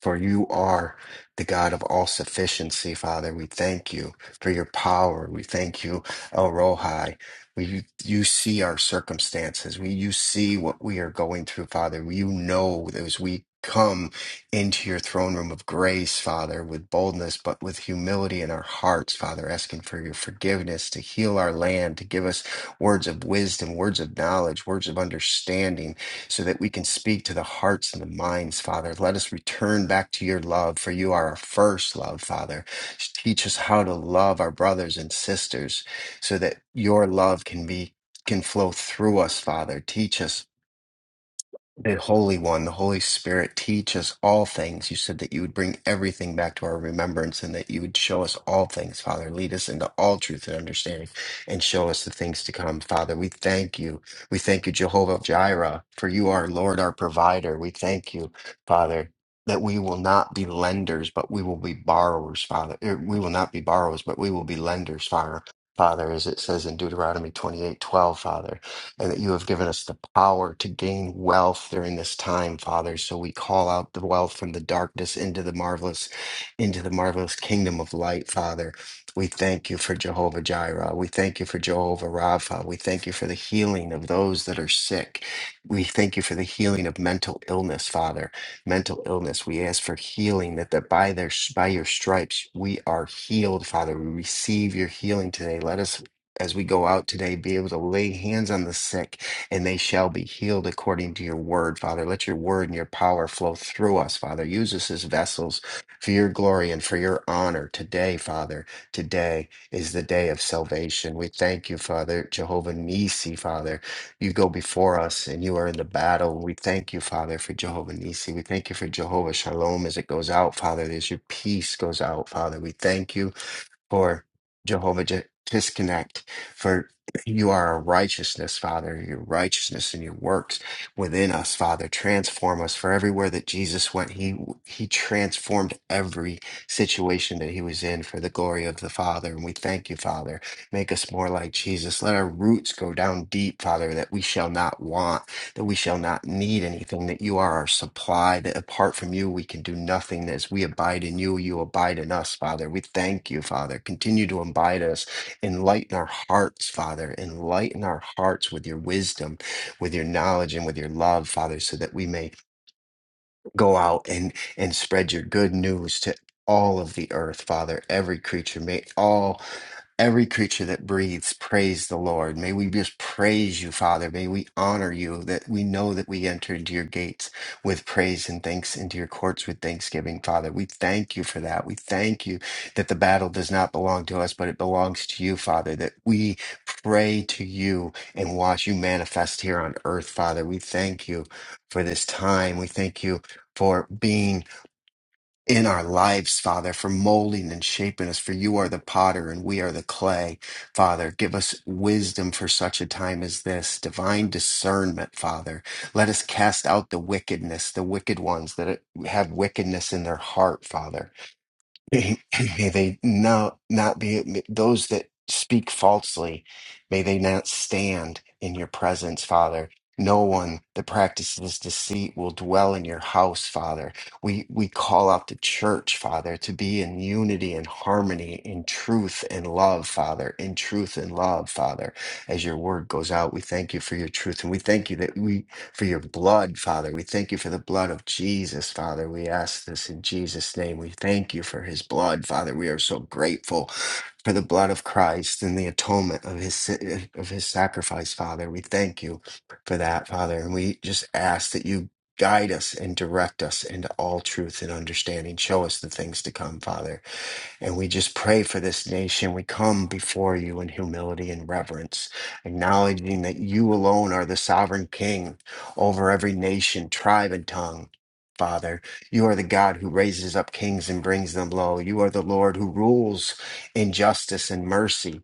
Speaker 3: For you are the God of all sufficiency, Father. We thank you for your power. We thank you, El Rohi. We, you, you see our circumstances. We, you see what we are going through, Father. You know that as we come into your throne room of grace, Father, with boldness, but with humility in our hearts, Father, asking for your forgiveness to heal our land, to give us words of wisdom, words of knowledge, words of understanding so that we can speak to the hearts and the minds, Father. Let us return back to your love, for you are our first love, Father. Teach us how to love our brothers and sisters so that your love can be can flow through us, Father. Teach us the Holy One, the Holy Spirit, teach us all things. You said that you would bring everything back to our remembrance and that you would show us all things, Father. Lead us into all truth and understanding and show us the things to come, Father. We thank you. We thank you, Jehovah Jireh, for you are Lord, our provider. We thank you, Father. That we will not be lenders, but we will be borrowers, Father. Er, We will not be borrowers, but we will be lenders, Father. Father, as it says in Deuteronomy twenty-eight, twelve, Father and that you have given us the power to gain wealth during this time, Father. So we call out the wealth from the darkness into the marvelous, into the marvelous kingdom of light, Father. We thank you for Jehovah Jireh. We thank you for Jehovah Rapha. We thank you for the healing of those that are sick. We thank you for the healing of mental illness, Father. Mental illness. We ask for healing that, that by their by your stripes we are healed, Father. We receive your healing today. Let us as we go out today, be able to lay hands on the sick and they shall be healed according to your word, Father. Let your word and your power flow through us, Father. Use us as vessels for your glory and for your honor today, Father. Today is the day of salvation. We thank you, Father, Jehovah Nisi, Father. You go before us and you are in the battle. We thank you, Father, for Jehovah Nisi. We thank you for Jehovah Shalom as it goes out, Father, as your peace goes out, Father. We thank you for Jehovah Je- disconnect for you are a righteousness, Father, your righteousness and your works within us, Father. Transform us for everywhere that Jesus went. He he transformed every situation that he was in for the glory of the Father. And we thank you, Father. Make us more like Jesus. Let our roots go down deep, Father, that we shall not want that we shall not need anything, that you are our supply, that apart from you, we can do nothing. As we abide in you, you abide in us, Father. We thank you, Father. Continue to abide us. Enlighten our hearts, Father. Enlighten our hearts with your wisdom, with your knowledge, and with your love, Father, so that we may go out and and spread your good news to all of the earth father every creature may all every creature that breathes praise the lord may we just praise you father may we honor you that we know that we enter into your gates with praise and thanks into your courts with thanksgiving father we thank you for that we thank you that the battle does not belong to us but it belongs to you father that we pray to you and watch you manifest here on earth father we thank you for this time we thank you for being in our lives, Father, for molding and shaping us. For you are the potter and we are the clay, Father. Give us wisdom for such a time as this, divine discernment, Father. Let us cast out the wickedness, the wicked ones that have wickedness in their heart, Father. May *clears throat* may they not, not be may those that speak falsely, may they not stand in your presence, Father. No one that practices deceit will dwell in your house, Father. We we call out the church, Father, to be in unity and harmony, in truth and love, Father, in truth and love, Father. As your word goes out, we thank you for your truth, and we thank you that we for your blood, Father. We thank you for the blood of Jesus, Father. We ask this in Jesus' name. We thank you for his blood, Father. We are so grateful for the blood of Christ and the atonement of his si- uh, of his sacrifice, Father. We thank you for that, Father. And we just ask that you guide us and direct us into all truth and understanding. Show us the things to come, Father. And we just pray for this nation. We come before you in humility and reverence, acknowledging that you alone are the sovereign king over every nation, tribe, and tongue. Father, you are the God who raises up kings and brings them low. You are the Lord who rules in justice and mercy.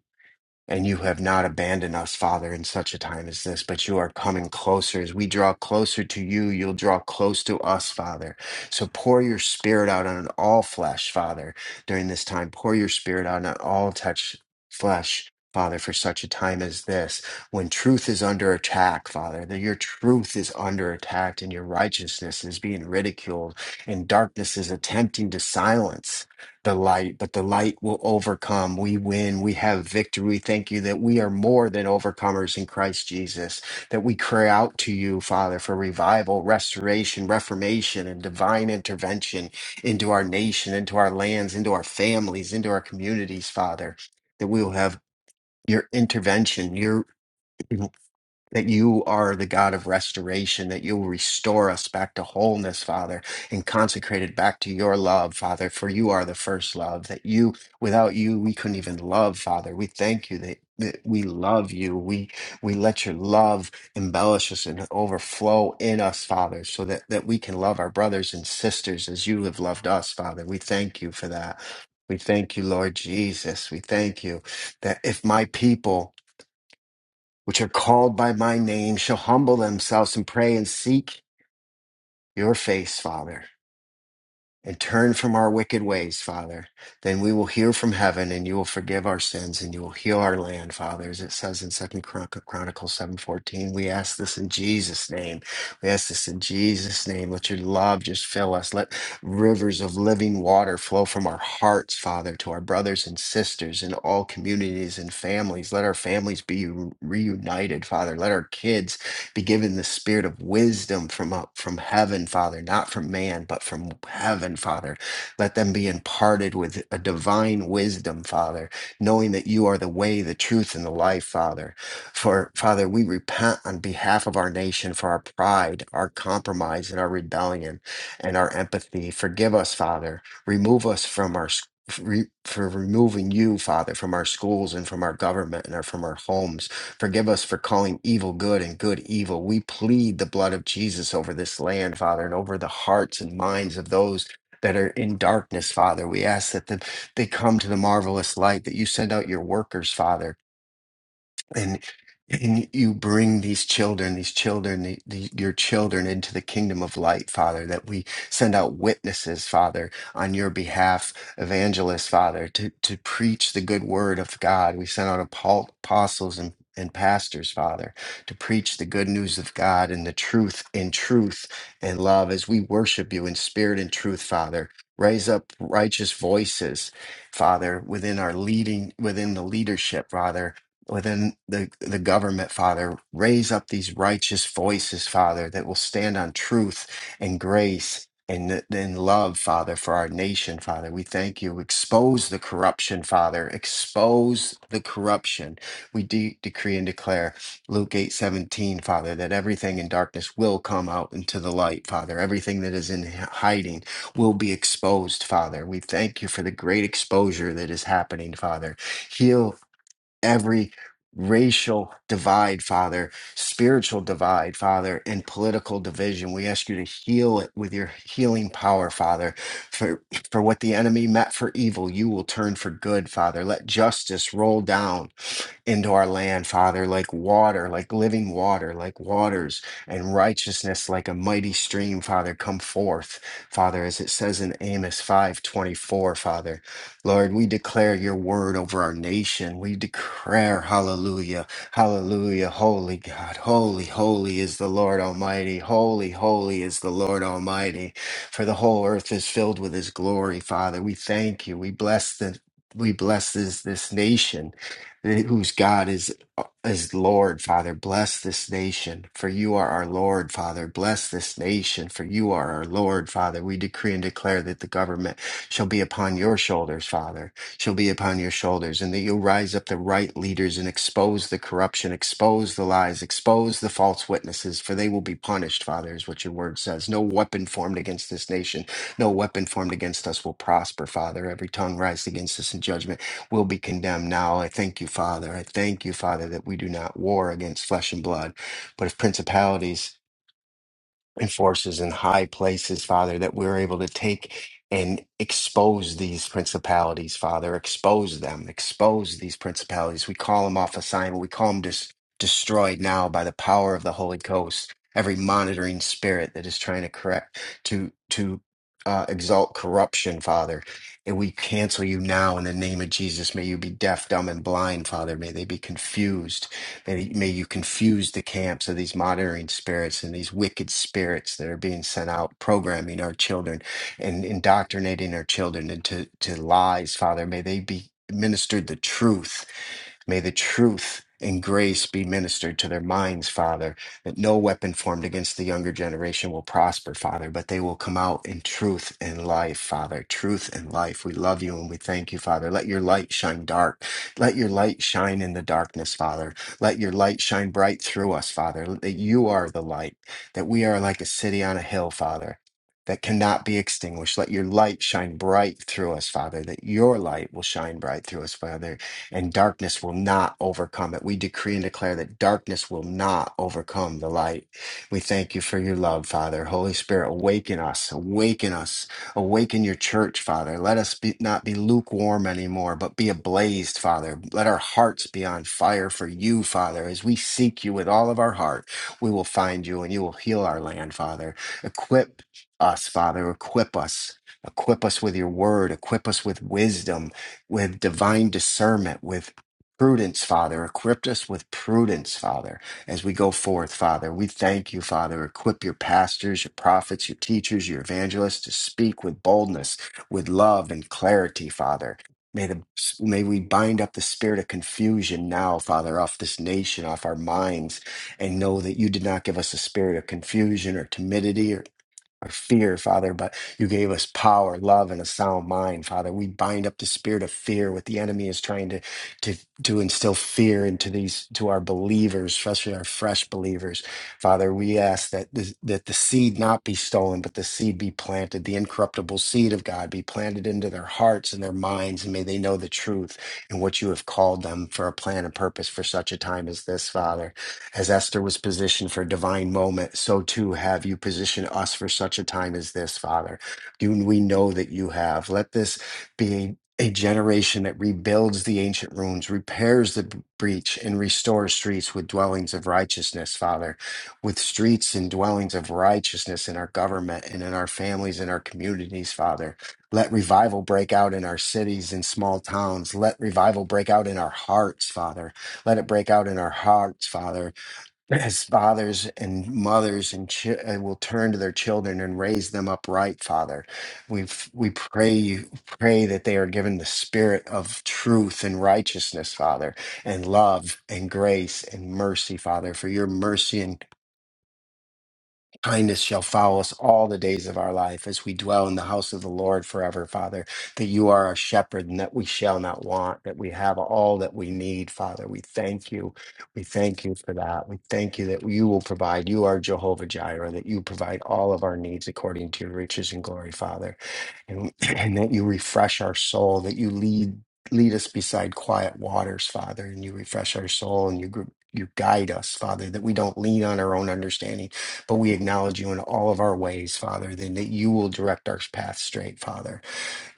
Speaker 3: And you have not abandoned us, Father, in such a time as this, but you are coming closer. As we draw closer to you, you'll draw close to us, Father. So pour your spirit out on all flesh, Father, during this time. Pour your spirit out on all touch flesh. Father, for such a time as this, when truth is under attack, Father, that your truth is under attack and your righteousness is being ridiculed and darkness is attempting to silence the light, but the light will overcome. We win. We have victory. Thank you that we are more than overcomers in Christ Jesus, that we cry out to you, Father, for revival, restoration, reformation, and divine intervention into our nation, into our lands, into our families, into our communities, Father, that we will have your intervention, your that you are the God of restoration, that you'll restore us back to wholeness, Father, and consecrate it back to your love, Father, for you are the first love, that you, without you, we couldn't even love, Father. We thank you that, that we love you. We, we let your love embellish us and overflow in us, Father, so that, that we can love our brothers and sisters as you have loved us, Father. We thank you for that. We thank you, Lord Jesus. We thank you that if my people which are called by my name shall humble themselves and pray and seek your face, Father, and turn from our wicked ways, Father. Then we will hear from heaven and you will forgive our sins and you will heal our land, Father, as it says in Second Chronicles 7:14. We ask this in Jesus' name. We ask this in Jesus' name. Let your love just fill us. Let rivers of living water flow from our hearts, Father, to our brothers and sisters in all communities and families. Let our families be reunited, Father. Let our kids be given the spirit of wisdom from up from heaven, Father, not from man, but from heaven, Father. Let them be imparted with a divine wisdom, Father, knowing that you are the way, the truth, and the life, Father. For Father, we repent on behalf of our nation for our pride, our compromise, and our rebellion, and our empathy. Forgive us, Father. Remove us from our s- re- for removing you, Father, from our schools and from our government and our, from our homes Forgive us for calling evil good and good evil. We plead the blood of Jesus over this land, Father, and over the hearts and minds of those that are in darkness, Father. We ask that the, they come to the marvelous light, that you send out your workers, Father and and you bring these children these children the, the, your children into the kingdom of light father that we send out witnesses father on your behalf evangelists father to to preach the good word of god we send out apo- apostles and and pastors, Father, to preach the good news of God and the truth in truth and love as we worship you in spirit and truth, Father. Raise up righteous voices, Father, within our leading, within the leadership, Father, within the, the government, Father. Raise up these righteous voices, Father, that will stand on truth and grace and in love, Father, for our nation, Father. We thank you. Expose the corruption, Father. Expose the corruption. We de- decree and declare Luke eight seventeen, Father, that everything in darkness will come out into the light, Father. Everything that is in h- hiding will be exposed, Father. We thank you for the great exposure that is happening, Father. Heal every racial divide, Father, spiritual divide, Father, and political division. We ask you to heal it with your healing power, Father. For for what the enemy meant for evil, you will turn for good, Father. Let justice roll down into our land, Father, like water, like living water, like waters, and righteousness like a mighty stream, Father, come forth, Father, as it says in Amos 5:24, Father. Lord, we declare your word over our nation. We declare, hallelujah, hallelujah, holy God, holy, holy is the Lord Almighty, holy, holy is the Lord Almighty, for the whole earth is filled with his glory, Father. We thank you. We bless the we bless this, this nation whose God is is Lord, Father, bless this nation, for you are our Lord, Father. Bless this nation, for you are our Lord, Father. We decree and declare that the government shall be upon your shoulders, Father, shall be upon your shoulders, and that you'll rise up the right leaders and expose the corruption, expose the lies, expose the false witnesses, for they will be punished, Father, is what your word says. No weapon formed against this nation, no weapon formed against us will prosper, Father. Every tongue rising against us in judgment will be condemned. Now I thank you, Father. I thank you, Father, that we do not war against flesh and blood, but if principalities and forces in high places, Father, that we're able to take and expose these principalities, Father, expose them, expose these principalities. We call them off assignment, we call them dis- destroyed now by the power of the Holy Ghost. Every monitoring spirit that is trying to correct to to uh, exalt corruption, Father, and we cancel you now in the name of Jesus. May you be deaf, dumb, and blind, Father. May they be confused and may you confuse the camps of these monitoring spirits and these wicked spirits that are being sent out, programming our children and indoctrinating our children into to lies, Father. May they be ministered the truth. May the truth and grace be ministered to their minds, Father, that no weapon formed against the younger generation will prosper, Father, but they will come out in truth and life, Father. Truth and life. We love you and we thank you, Father. Let your light shine dark. Let your light shine in the darkness, Father. Let your light shine bright through us, Father, that you are the light, that we are like a city on a hill, Father, that cannot be extinguished. Let your light shine bright through us, Father, that your light will shine bright through us, Father, and darkness will not overcome it. We decree and declare that darkness will not overcome the light. We thank you for your love, Father. Holy Spirit, awaken us, awaken us Awaken your church, Father. Let us be, not be lukewarm anymore, but be ablazed, Father. Let our hearts be on fire for you, Father. As we seek you with all of our heart, we will find you and you will heal our land, Father. Equip us, Father. Equip us. Equip us with your word. Equip us with wisdom, with divine discernment, with prudence, Father. Equip us with prudence, Father as we go forth, Father. We thank you, Father. Equip your pastors, your prophets, your teachers, your evangelists to speak with boldness, with love and clarity, Father. May, the, may we bind up the spirit of confusion now, Father, off this nation, off our minds, and know that you did not give us a spirit of confusion or timidity our fear, Father, but you gave us power, love, and a sound mind, Father. We bind up the spirit of fear, what the enemy is trying to to to instill fear into these to our believers, especially our fresh believers. Father, we ask that this, that the seed not be stolen, but the seed be planted, the incorruptible seed of God be planted into their hearts and their minds, and may they know the truth and what you have called them for a plan and purpose for such a time as this, Father. As Esther was positioned for a divine moment, so too have you positioned us for such a time as this, Father. You, we know that you have. Let this be a generation that rebuilds the ancient ruins, repairs the b- breach, and restores streets with dwellings of righteousness, Father, with streets and dwellings of righteousness in our government and in our families and our communities, Father. Let revival break out in our cities and small towns. Let revival break out in our hearts, Father. Let it break out in our hearts, Father as fathers and mothers and, chi- and will turn to their children and raise them upright father we f- we pray you pray that they are given the spirit of truth and righteousness father and love and grace and mercy father for your mercy and kindness shall follow us all the days of our life as we dwell in the house of the Lord forever, Father, that you are our shepherd and that we shall not want, that we have all that we need, Father. We thank you. We thank you for that. We thank you that you will provide. You are Jehovah Jireh, that you provide all of our needs according to your riches and glory, Father, and, *clears throat* and that you refresh our soul, that you lead. Lead us beside quiet waters, Father, and you refresh our soul and you, gr- you guide us, Father, that we don't lean on our own understanding but we acknowledge you in all of our ways, Father, then that you will direct our path straight, Father,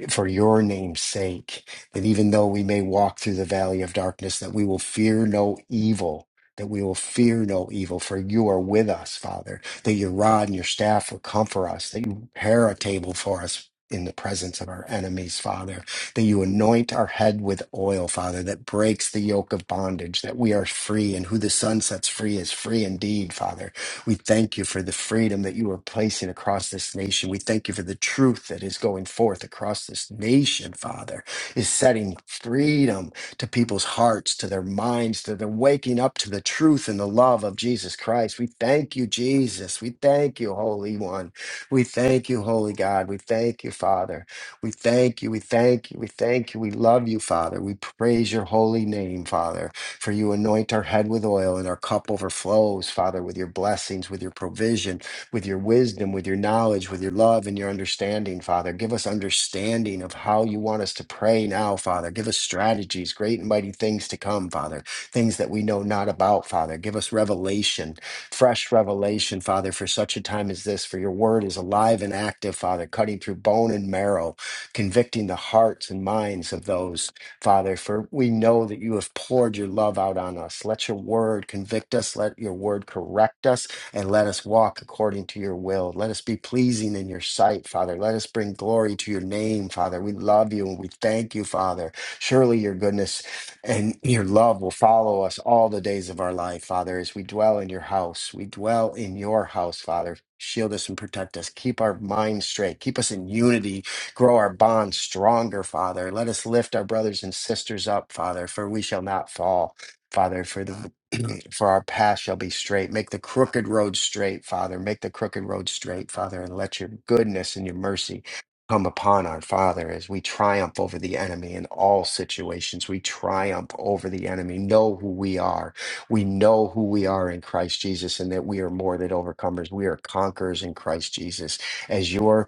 Speaker 3: for your name's sake, that even though we may walk through the valley of darkness, that we will fear no evil, that we will fear no evil, for you are with us, Father, that your rod and your staff will comfort us, that you prepare a table for us. In the presence of our enemies, Father, that you anoint our head with oil, Father, that breaks the yoke of bondage, that we are free, and who the Son sets free is free indeed, Father we thank you for the freedom that you are placing across this nation. We thank you for the truth that is going forth across this nation, Father, is setting freedom to people's hearts, to their minds, to their waking up to the truth and the love of Jesus Christ. We thank you, Jesus. We thank you, Holy One. We thank you, Holy God. We thank you, Father. We thank you. We thank you. We thank you. We love you, Father. We praise your holy name, Father. For you anoint our head with oil, and our cup overflows, Father, with your blessings, with your provision, with your wisdom, with your knowledge, with your love, and your understanding, Father. Give us understanding of how you want us to pray now, Father. Give us strategies, great and mighty things to come, Father, things that we know not about, Father. Give us revelation, fresh revelation, Father, for such a time as this. For your word is alive and active, Father, cutting through bone and marrow, convicting the hearts and minds of those. Father, for we know that you have poured your love out on us. Let your word convict us, let your word correct us, and let us walk according to your will. Let us be pleasing in your sight, Father. Let us bring glory to your name, Father. We love you and we thank you, Father. Surely your goodness and your love will follow us all the days of our life, Father, as we dwell in your house. We dwell in your house, Father. Shield us and protect us. Keep our minds straight. Keep us in unity Grow our bonds stronger, Father. Let us lift our brothers and sisters up, Father, for we shall not fall, Father, for the *clears throat* for our path shall be straight. Make the crooked road straight, Father. Make the crooked road straight, Father, and let your goodness and your mercy come upon our Father as we triumph over the enemy in all situations. We triumph over the enemy. Know who we are. We know who we are in Christ Jesus and that we are more than overcomers. We are conquerors in Christ Jesus. As your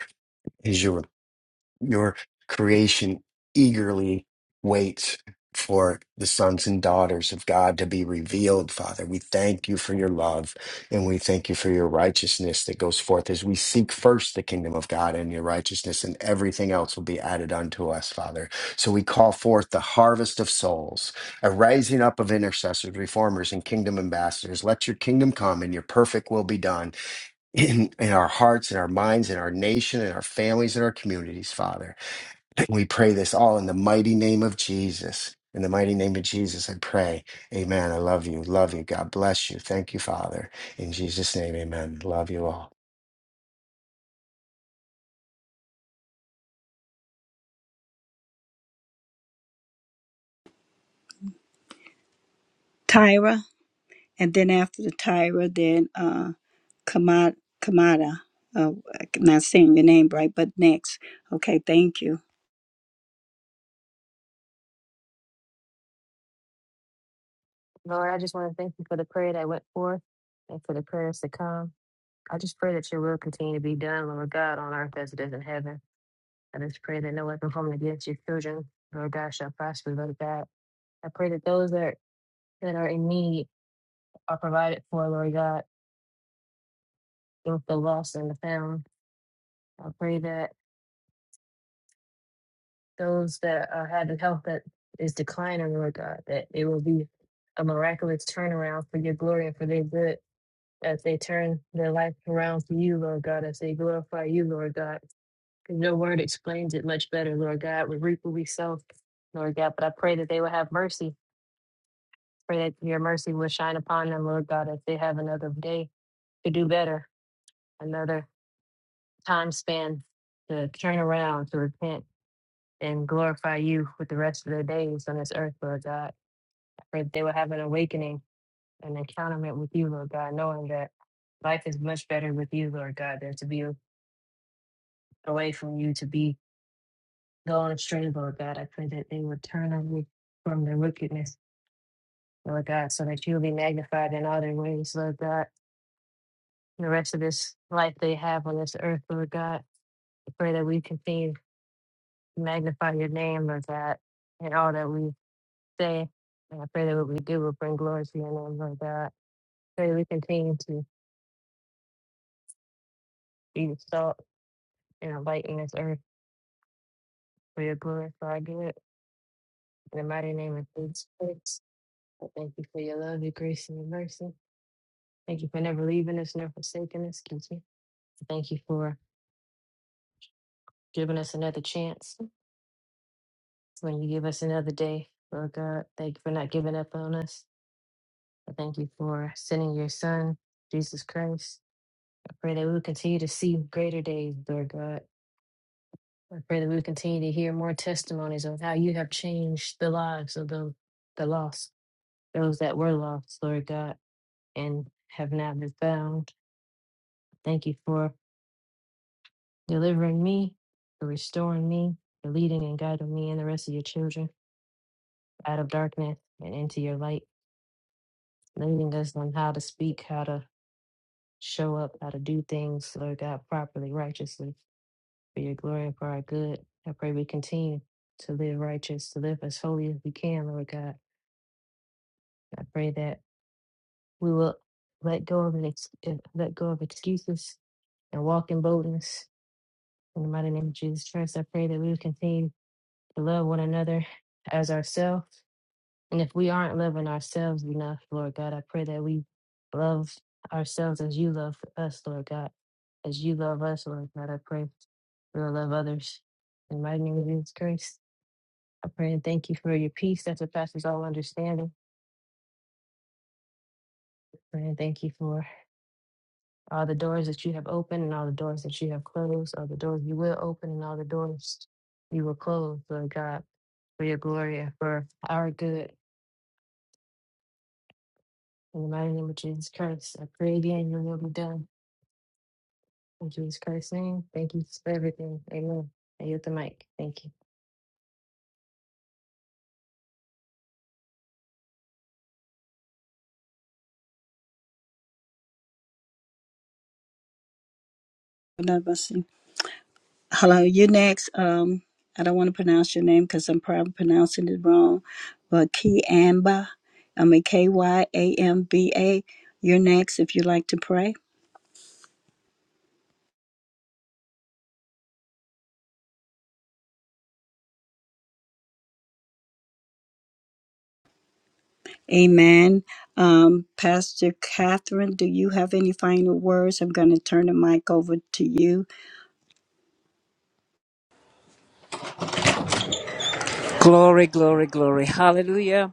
Speaker 3: as your your creation eagerly waits for the sons and daughters of God to be revealed, Father. We thank you for your love and we thank you for your righteousness that goes forth as we seek first the kingdom of God and your righteousness, and everything else will be added unto us, Father. So we call forth the harvest of souls, a rising up of intercessors, reformers, and kingdom ambassadors. Let your kingdom come and your perfect will be done in, in our hearts, in our minds, in our nation, in our families, in our communities, Father. And we pray this all in the mighty name of Jesus. In the mighty name of Jesus, I pray. Amen. I love you. Love you. God bless you. Thank you, Father. In Jesus' name, amen. Love you all.
Speaker 1: Tyra, and then after the Tyra, then uh, Kamada. Kamada. Uh, I'm not saying your name right, but next. Okay, thank you.
Speaker 4: Lord, I just want to thank you for the prayer that went forth and for the prayers to come. I just pray that your will continue to be done, Lord God, on earth as it is in heaven. I just pray that no weapon formed against your children, Lord God, shall prosper, Lord God. I pray that those that are, that are in need are provided for, Lord God, both the lost and the found. I pray that those that are having health that is declining, Lord God, that it will be a miraculous turnaround for your glory and for their good. as they turn their life around for you, Lord God, as they glorify you, Lord God. 'Cause Your word explains it much better, Lord God. We reap what we sow, Lord God. But I pray that they will have mercy. Pray that your mercy will shine upon them, Lord God, as they have another day to do better, another time span to turn around, to repent, and glorify you with the rest of their days on this earth, Lord God. I pray that they will have an awakening, an encounterment with you, Lord God, knowing that life is much better with you, Lord God, than to be away from you to be going astray, Lord God. I pray that they would turn away from their wickedness, Lord God, so that you'll be magnified in all their ways, Lord God. The rest of this life they have on this earth, Lord God. I pray that we continue to magnify your name, Lord God, in all that we say. And I pray that what we do will bring glory to your name, Lord God. Pray that we continue to be the salt and a light in this earth for your glory, for our good. In the mighty name of Jesus Christ, I thank you for your love, your grace, and your mercy. Thank you for never leaving us, never forsaking us. Excuse me. Thank you for giving us another chance when you give us another day. Lord God, thank you for not giving up on us. I thank you for sending your son, Jesus Christ. I pray that we will continue to see greater days, Lord God. I pray that we will continue to hear more testimonies of how you have changed the lives of the, the lost, those that were lost, Lord God, and have now been found. Thank you for delivering me, for restoring me, for leading and guiding me and the rest of your children out of darkness and into your light, leading us on how to speak, how to show up, how to do things, Lord God, properly, righteously, for your glory and for our good. I pray we continue to live righteous, to live as holy as we can, Lord God. I pray that we will let go of an ex- eh, let go of excuses and walk in boldness. In the mighty name of Jesus Christ, I pray that we will continue to love one another as ourselves And if we aren't loving ourselves enough, Lord God, I pray that we love ourselves as you love us, Lord God. As you love us, Lord God, I pray we'll love others. In my name, Jesus Christ, I pray and thank you for your peace that surpasses all understanding. Pray and thank you for all the doors that you have opened and all the doors that you have closed, all the doors you will open and all the doors you will close, Lord God, for your glory and for our good. In the mighty name of Jesus Christ, I pray again, your will be done. In Jesus Christ's name, thank you for everything. Amen. I yield the mic. Thank you.
Speaker 1: I'm probably pronouncing it wrong. Kiamba. I mean K Y A M B A. You're next if you'd like to pray. Amen. Um, Pastor Catherine, do you have any final words? I'm going to turn the mic over to you.
Speaker 5: Glory, glory, glory. Hallelujah.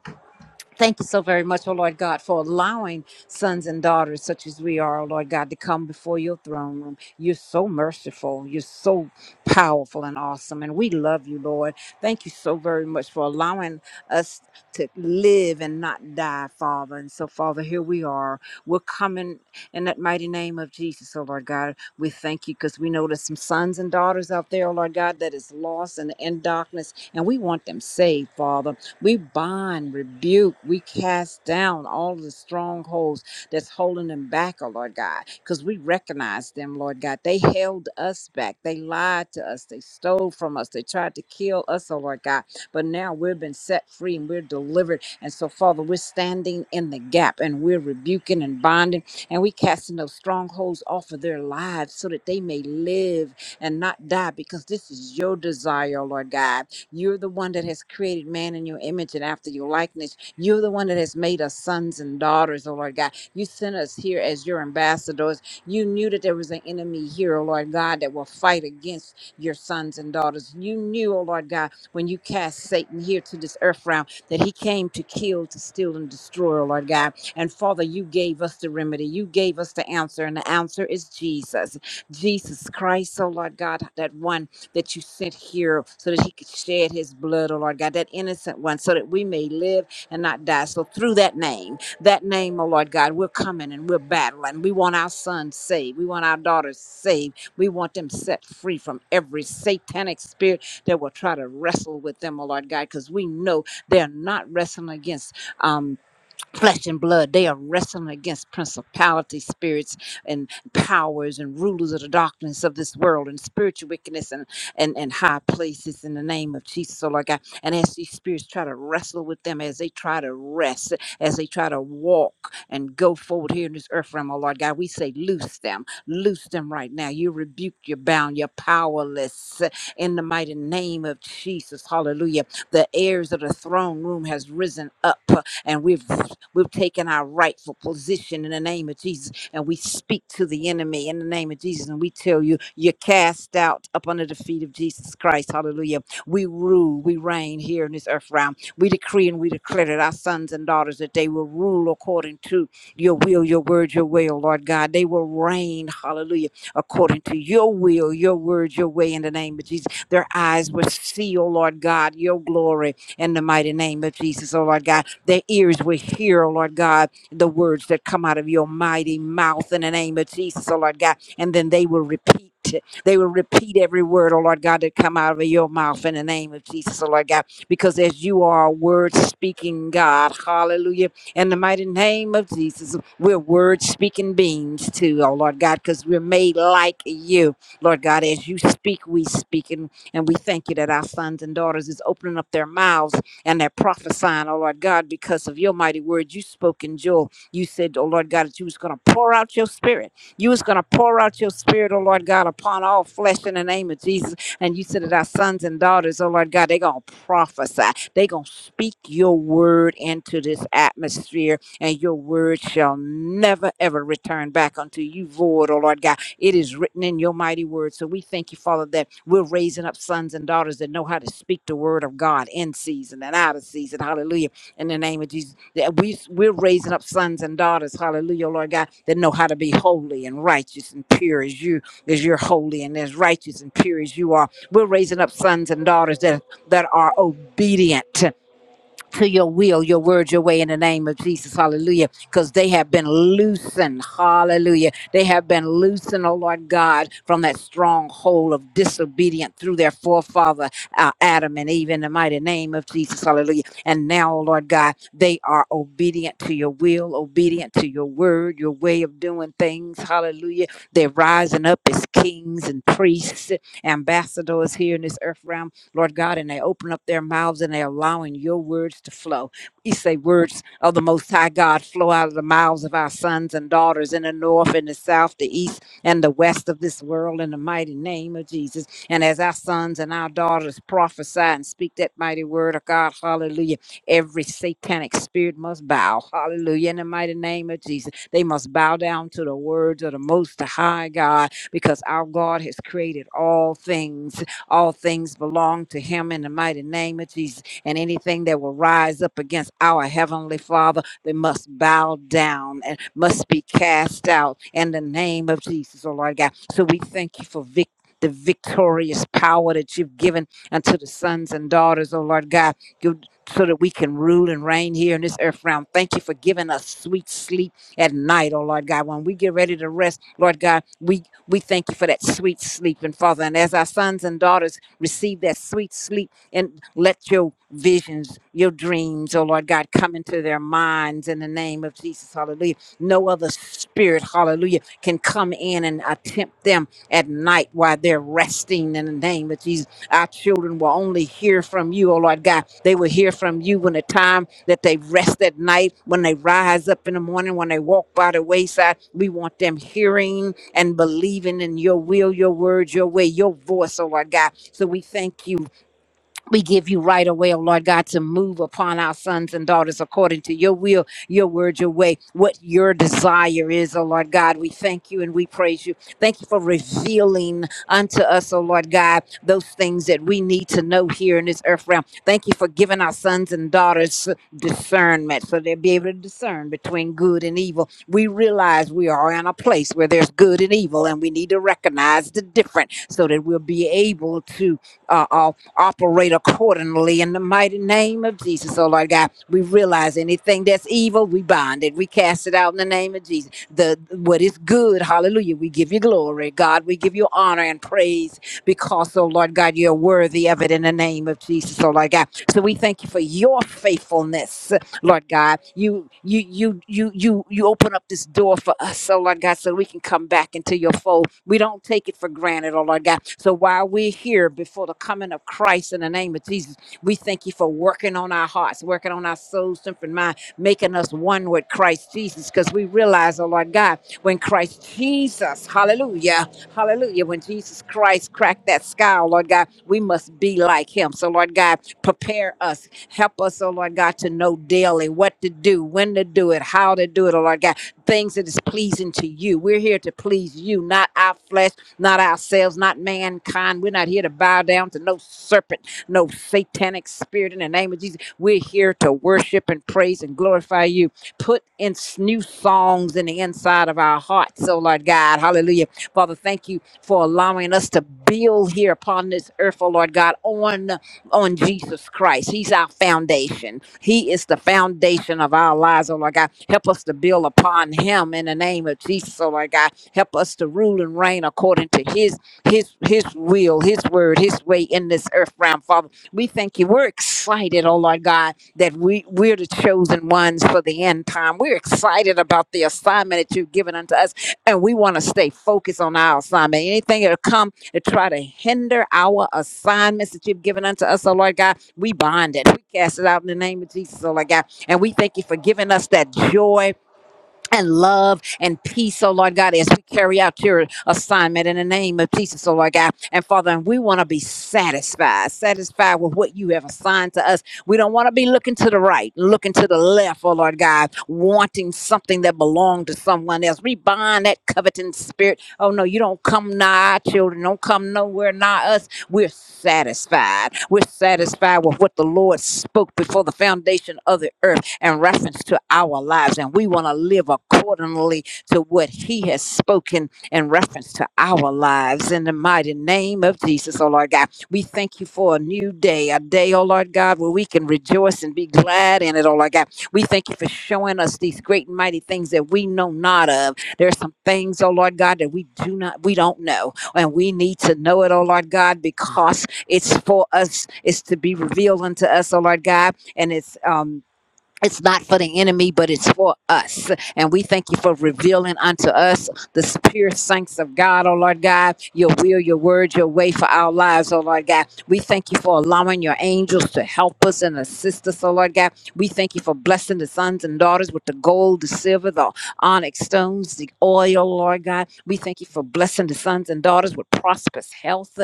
Speaker 5: Thank you so very much, O Lord God, for allowing sons and daughters such as we are, O Lord God, to come before your throne room. You're so merciful. You're so powerful and awesome. And we love you, Lord. Thank you so very much for allowing us to live and not die, Father. And so, Father, here we are. We're coming in that mighty name of Jesus, O Lord God. We thank you because we know there's some sons and daughters out there, O Lord God, that is lost and in darkness. And we want them saved, Father. We bind, rebuke, we cast down all the strongholds that's holding them back, oh Lord God, because we recognize them, Lord God. They held us back. They lied to us. They stole from us. They tried to kill us, oh Lord God. But now we've been set free and we're delivered. And so, Father, we're standing in the gap and we're rebuking and binding and we casting those strongholds off of their lives so that they may live and not die because this is your desire, oh Lord God you're the one that has created man in your image and after your likeness. You're the one that has made us sons and daughters, oh Lord God. You sent us here as your ambassadors. You knew that there was an enemy here, oh Lord God, that will fight against your sons and daughters. You knew, oh Lord God, when you cast Satan here to this earth realm, that he came to kill, to steal, and destroy, oh Lord God. And Father, you gave us the remedy. You gave us the answer, and the answer is Jesus. Jesus Christ, oh Lord God, that one that you sent here so that he could shed his blood, oh Lord God, that innocent one, so that we may live and not die. So through that name, that name, oh Lord God, we're coming and we're battling. We want our sons saved. We want our daughters saved. We want them set free from every satanic spirit that will try to wrestle with them, oh Lord God, because we know they're not wrestling against. um flesh and blood. They are wrestling against principality spirits and powers and rulers of the darkness of this world and spiritual wickedness and, and, and high places in the name of Jesus, oh Lord God. And as these spirits try to wrestle with them, as they try to rest, as they try to walk and go forward here in this earth realm, oh Lord God, we say, loose them, loose them right now. You rebuke, you're bound, you're powerless in the mighty name of Jesus. Hallelujah. The heirs of the throne room has risen up and we've We've taken our rightful position in the name of Jesus and we speak to the enemy in the name of Jesus and we tell you, you're cast out up under the feet of Jesus Christ. Hallelujah. We rule, we reign here in this earth realm. We decree and we declare that our sons and daughters that they will rule according to your will, your word, your way, oh Lord God. They will reign, hallelujah, according to your will, your word, your way in the name of Jesus. Their eyes will see, oh Lord God, your glory in the mighty name of Jesus, oh Lord God. Their ears will hear, oh Lord God, the words that come out of your mighty mouth in the name of Jesus, oh Lord God. And then they will repeat. They will repeat every word, oh Lord God, that come out of your mouth in the name of Jesus, oh Lord God. Because as you are a word speaking God, hallelujah. In the mighty name of Jesus, we're word speaking beings too, oh Lord God, because we're made like you. Lord God, as you speak, we speak. And, and we thank you that our sons and daughters is opening up their mouths and they're prophesying, oh Lord God, because of your mighty word you spoke in Joel. You said, oh Lord God, that you was going to pour out your spirit. You was going to pour out your spirit, oh Lord God, upon all flesh in the name of Jesus. And you said that our sons and daughters, oh Lord God, they're going to prophesy. They're going to speak your word into this atmosphere, and your word shall never, ever return back unto you void, oh Lord God it is written in your mighty word. So we thank you, Father, that we're raising up sons and daughters that know how to speak the word of God in season and out of season. Hallelujah. In the name of Jesus. That we we're raising up sons and daughters, hallelujah, Lord God, that know how to be holy and righteous and pure as you, as you're holy and as righteous and pure as you are. We're raising up sons and daughters that that are obedient to your will, your word, your way in the name of Jesus. Hallelujah. Because they have been loosened. Hallelujah. They have been loosened, oh Lord God, from that stronghold of disobedience through their forefather, uh, Adam and Eve, in the mighty name of Jesus. Hallelujah. And now, oh Lord God, they are obedient to your will, obedient to your word, your way of doing things. Hallelujah. They're rising up as kings and priests, ambassadors here in this earth realm Lord God, and they open up their mouths and they're allowing your words to flow. We say, Words of the Most High God flow out of the mouths of our sons and daughters in the north, in the south, the east, and the west of this world in the mighty name of Jesus. And as our sons and our daughters prophesy and speak that mighty word of God, hallelujah, every satanic spirit must bow, hallelujah, in the mighty name of Jesus. They must bow down to the words of the Most High God because our God has created all things all things belong to him in the mighty name of Jesus. And anything that will rise up against our heavenly Father, they must bow down and must be cast out in the name of Jesus, oh Lord God. So we thank you for victory. The victorious power that you've given unto the sons and daughters, oh Lord God, you- so that we can rule and reign here in this earth realm. Thank you for giving us sweet sleep at night, oh Lord God. When we get ready to rest, Lord God, we we thank you for that sweet sleep. And Father, and as our sons and daughters receive that sweet sleep, and let your visions, your dreams, oh Lord God, come into their minds in the name of Jesus. Hallelujah. No other spirit, hallelujah, can come in and attempt them at night while they're resting in the name of Jesus. Our children will only hear from you, oh Lord God. They will hear from you when the time that they rest at night, when they rise up in the morning, when they walk by the wayside. We want them hearing and believing in your will, your word, your way, your voice, oh Lord God. So we thank you we give you right away, oh Lord God, to move upon our sons and daughters according to your will, your word, your way, what your desire is, oh Lord God. We thank you and we praise you. Thank you for revealing unto us, oh Lord God, those things that we need to know here in this earth realm. Thank you for giving our sons and daughters discernment so they'll be able to discern between good and evil. We realize we are in a place where there's good and evil, and we need to recognize the difference so that we'll be able to. uh, operate accordingly in the mighty name of Jesus. Oh Lord God, we realize anything that's evil, we bind it. We cast it out in the name of Jesus. The what is good, hallelujah. We give you glory. God, we give you honor and praise because, oh Lord God, you're worthy of it in the name of Jesus. Oh Lord God. So we thank you for your faithfulness. Lord God. You you you you you you open up this door for us, oh Lord God, so we can come back into your fold. We don't take it for granted, oh Lord God. So while we're here before the coming of Christ in the name of Jesus, we thank you for working on our hearts, working on our souls, strength, and mind, making us one with Christ Jesus. Because we realize, oh Lord God, when Christ Jesus, hallelujah, Hallelujah. When Jesus Christ cracked that sky, oh Lord God, we must be like him. So, Lord God, prepare us. Help us, oh Lord God, to know daily what to do, when to do it, how to do it, oh Lord God. Things that is pleasing to you. We're here to please you, not our flesh, not ourselves, not mankind. We're not here to bow down to no serpent, no satanic spirit in the name of Jesus. We're here to worship and praise and glorify you. Put in s- new songs in the inside of our hearts, oh Lord God. Hallelujah. Father, thank you for allowing us to build here upon this earth, oh Lord God, on on Jesus Christ. He's our foundation. He is the foundation of our lives, oh Lord God. Help us to build upon him in the name of Jesus, oh Lord God. Help us to rule and reign according to his his his will, his word, his way in this earth realm, Father. We thank you. We're excited, oh Lord God, that we, we're the chosen ones for the end time. We're excited about the assignment that you've given unto us, and we want to stay focused on our assignment. Anything that'll come that try to hinder our assignments that you've given unto us, oh Lord God. We bind it. We cast it out in the name of Jesus, oh Lord God. And we thank you for giving us that joy and love and peace, oh Lord God, as we carry out your assignment in the name of Jesus, oh Lord God. And Father, and we want to be satisfied, satisfied with what you have assigned to us. We don't want to be looking to the right, looking to the left, oh Lord God, wanting something that belonged to someone else. We bind that coveting spirit. Oh no, you don't come nigh our children, don't come nowhere nigh us. We're satisfied. We're satisfied with what the Lord spoke before the foundation of the earth in reference to our lives. And we want to live accordingly to what He has spoken in reference to our lives. In the mighty name of Jesus, oh Lord God, we thank you for a new day, a day, oh Lord God, where we can rejoice and be glad in it, oh Lord God. We thank you for showing us these great and mighty things that we know not of. There are some things, oh Lord God, that we do not, we don't know. And we need to know it, oh Lord God, because it's for us, it's to be revealed unto us, oh Lord God. And it's um it's not for the enemy, but it's for us. And we thank you for revealing unto us the pure saints of God, oh Lord God, your will, your word, your way for our lives, oh Lord God. We thank you for allowing your angels to help us and assist us, oh Lord God. We thank you for blessing the sons and daughters with the gold, the silver, the onyx stones, the oil, oh Lord God. We thank you for blessing the sons and daughters with prosperous health.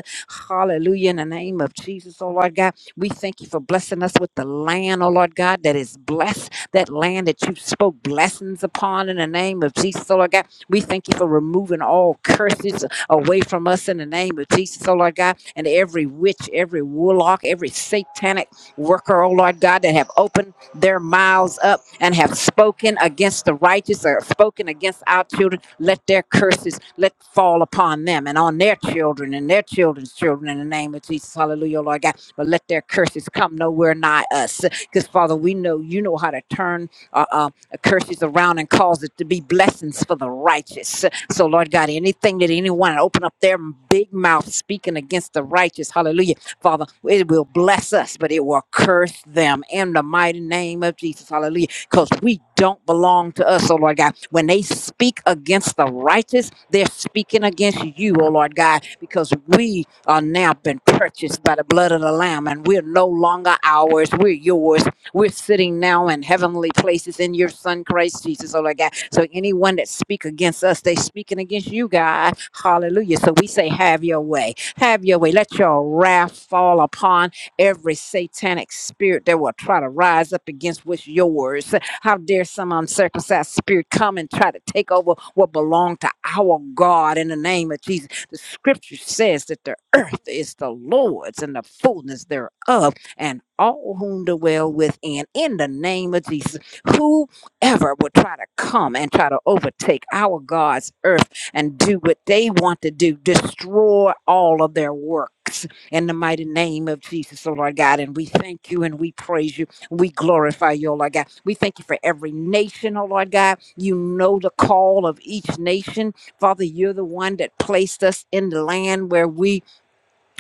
Speaker 5: Hallelujah. In the name of Jesus, oh Lord God. We thank you for blessing us with the land, oh Lord God, that is blessed, that land that you spoke blessings upon in the name of Jesus, oh Lord God. We thank you for removing all curses away from us in the name of Jesus, oh Lord God, and every witch, every warlock, every satanic worker, oh Lord God, that have opened their mouths up and have spoken against the righteous or spoken against our children. Let their curses let fall upon them and on their children and their children's children in the name of Jesus. Hallelujah, oh Lord God but let their curses come nowhere nigh us. Because, Father, we know you know how to turn uh, uh, curses around and cause it to be blessings for the righteous. So, Lord God, anything that anyone open up their big mouth speaking against the righteous, hallelujah, Father, it will bless us, but it will curse them in the mighty name of Jesus, hallelujah because we don't belong to us, oh Lord God. When they speak against the righteous, they're speaking against you, oh Lord God, because we are now been purchased by the blood of the Lamb and we're no longer ours, we're yours. We're sitting now in heavenly places in your Son, Christ Jesus, oh Lord God. So anyone that speak against us, they speaking against you, God. Hallelujah. So we say, have your way. Have your way. Let your wrath fall upon every satanic spirit that will try to rise up against what's yours. How dare some uncircumcised spirit come and try to take over what belonged to our God in the name of Jesus? The scripture says that the earth is the Lord's and the fullness thereof, and all whom dwell within, in the name of Jesus. Whoever would try to come and try to overtake our God's earth and do what they want to do, destroy all of their works in the mighty name of Jesus, oh Lord God. And we thank you and we praise you we glorify you, oh Lord God. We thank you for every nation, oh Lord God. You know the call of each nation. Father, you're the one that placed us in the land where we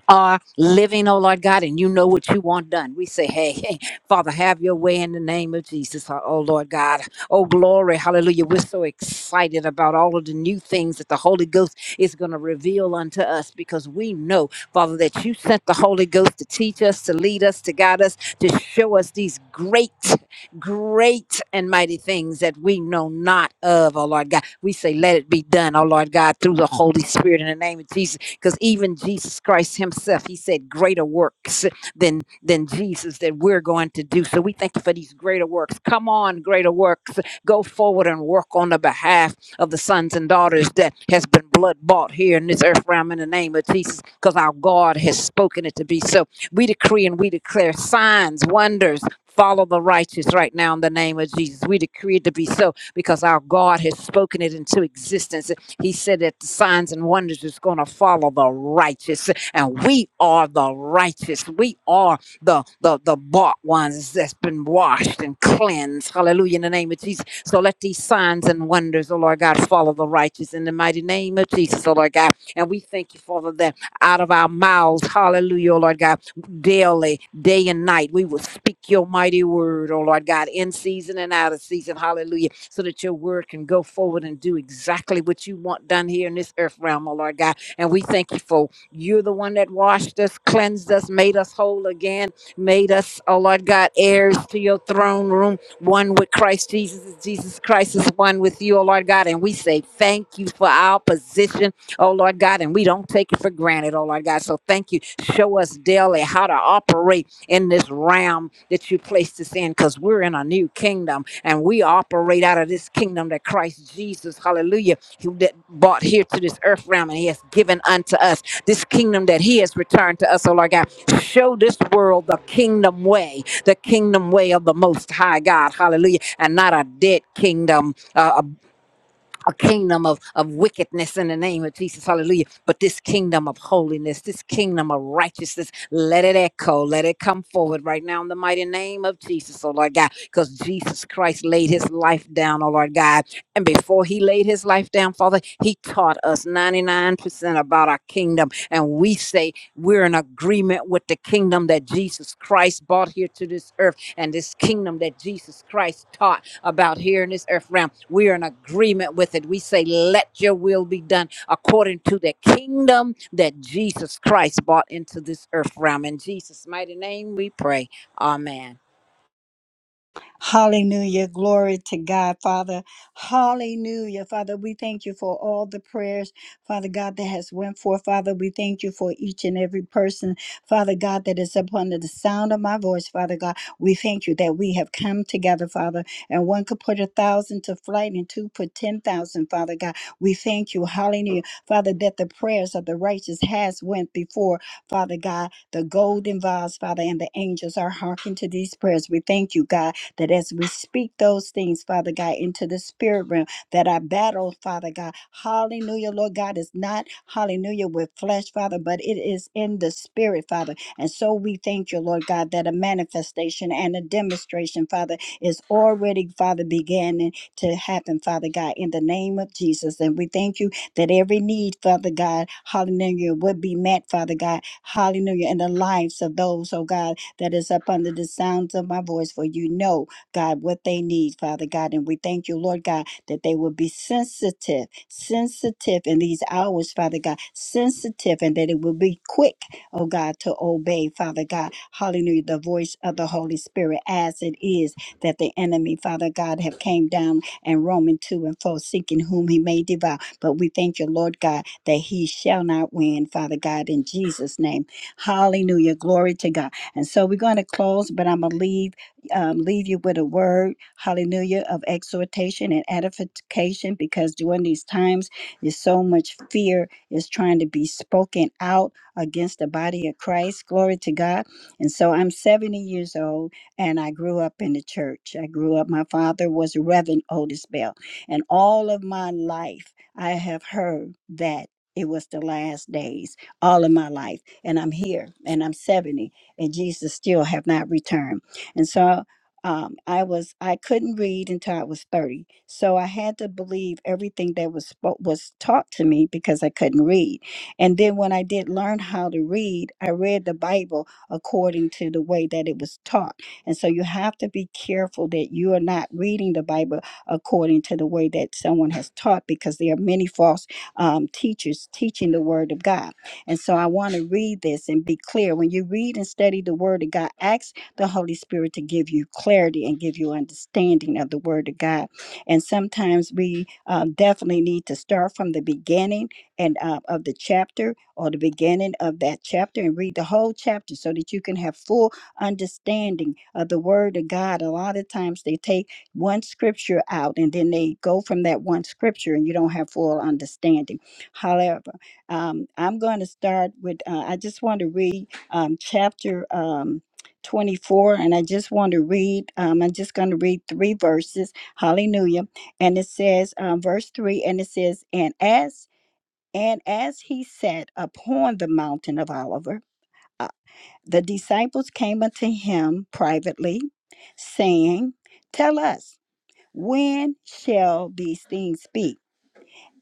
Speaker 5: are living, oh Lord God, and you know what you want done. We say, hey, hey, Father, have your way in the name of Jesus, oh oh, Lord God. Oh, glory, hallelujah. We're so excited about all of the new things that the Holy Ghost is going to reveal unto us because we know, Father, that you sent the Holy Ghost to teach us, to lead us, to guide us, to show us these great, great and mighty things that we know not of, oh Lord God. We say, let it be done, oh Lord God, through the Holy Spirit in the name of Jesus because even Jesus Christ himself, he said greater works than than Jesus that we're going to do. So we thank you for these greater works. Come on, greater works. Go forward and work on the behalf of the sons and daughters that has been blood bought here in this earth realm in the name of Jesus, because our God has spoken it to be so. We decree and we declare signs, wonders. Follow the righteous right now in the name of Jesus. We decree it to be so because our God has spoken it into existence. He said that the signs and wonders is going to follow the righteous, and we are the righteous. We are the the the bought ones that's been washed and cleansed. Hallelujah! In the name of Jesus. So let these signs and wonders, oh Lord God, follow the righteous in the mighty name of Jesus, oh Lord God. And we thank you, Father, that out of our mouths, hallelujah, oh Lord God daily, day and night. We will speak your mighty word, oh Lord God, in season and out of season. Hallelujah. So that your word can go forward and do exactly what you want done here in this earth realm, oh Lord God. And we thank you for you're the one that washed us, cleansed us, made us whole again, made us, oh Lord God, heirs to your throne room, one with Christ Jesus. Jesus Christ is one with you, oh Lord God. And we say thank you for our position oh Lord God, and we don't take it for granted, oh Lord God. So thank you. Show us daily how to operate in this realm that you placed us in because we're in a new kingdom and we operate out of this kingdom that Christ Jesus, hallelujah, who that brought here to this earth realm and he has given unto us this kingdom that he has returned to us, oh Lord God. Show this world the kingdom way, the kingdom way of the most high God, hallelujah, and not a dead kingdom, uh, a kingdom of, of wickedness in the name of Jesus. Hallelujah. But this kingdom of holiness, this kingdom of righteousness, let it echo, let it come forward right now in the mighty name of Jesus, oh Lord God, because Jesus Christ laid his life down, oh Lord God. And before he laid his life down, Father, he taught us 99% about our kingdom. And we say, we're in agreement with the kingdom that Jesus Christ brought here to this earth and this kingdom that Jesus Christ taught about here in this earth realm. We're in agreement with it. We say, Let your will be done according to the kingdom that Jesus Christ brought into this earth realm. In Jesus' mighty name we pray. Amen.
Speaker 1: Hallelujah. Glory to God, Father. Hallelujah. Father, we thank you for all the prayers, Father God, that has went forth. Father, we thank you for each and every person, Father God, that is upon the sound of my voice, Father God. We thank you that we have come together, Father, and one could put a thousand to flight and two put 10,000, Father God. We thank you. Hallelujah. Father, that the prayers of the righteous has went before, Father God, the golden vials, Father, and the angels are hearkening to these prayers. We thank you, God, that as we speak those things, Father God, into the spirit realm, that our battle, Father God, hallelujah, Lord God, is not hallelujah with flesh, Father, but it is in the spirit, Father. And so we thank you, Lord God, that a manifestation and a demonstration, Father, is already, Father, beginning to happen, Father God, in the name of Jesus. And we thank you that every need, Father God, hallelujah, would be met, Father God, hallelujah, in the lives of those, oh God, that is up under the sounds of my voice. For you know God, what they need, Father God. And we thank you, Lord God, that they will be sensitive, sensitive in these hours, Father God, sensitive, and that it will be quick, oh God, to obey, Father God. Hallelujah, the voice of the Holy Spirit, as it is that the enemy, Father God, have came down and roaming to and fro, seeking whom he may devour. But we thank you, Lord God, that he shall not win, Father God, in Jesus' name. Hallelujah. Glory to God. And so we're going to close, but I'm going to leave um, leave you with a word, hallelujah, of exhortation and edification because during these times, there's so much fear is trying to be spoken out against the body of Christ. Glory to God. And so I'm 70 years old and I grew up in the church. I grew up, my father was Reverend Otis Bell. And all of my life, I have heard that. It was the last days, all of my life, and I'm here, and I'm 70, and Jesus still have not returned. And so um, I was I couldn't read until I was 30. So I had to believe everything that was spo- was taught to me because I couldn't read. And then when I did learn how to read, I read the Bible according to the way that it was taught. And so you have to be careful that you are not reading the Bible according to the way that someone has taught because there are many false um, teachers teaching the word of God. And so I want to read this and be clear. When you read and study the word of God, ask the Holy Spirit to give you clarity and give you understanding of the Word of God. And sometimes we um, definitely need to start from the beginning and uh, of the chapter or the beginning of that chapter and read the whole chapter so that you can have full understanding of the Word of God. A lot of times they take one scripture out and then they go from that one scripture and you don't have full understanding. However, um, I'm going to start with, uh, I just want to read um, chapter. Um, 24 and i just want to read um, i'm just going to read three verses hallelujah and it says um, verse 3 and it says and as and as he sat upon the mountain of oliver uh, the disciples came unto him privately saying tell us when shall these things be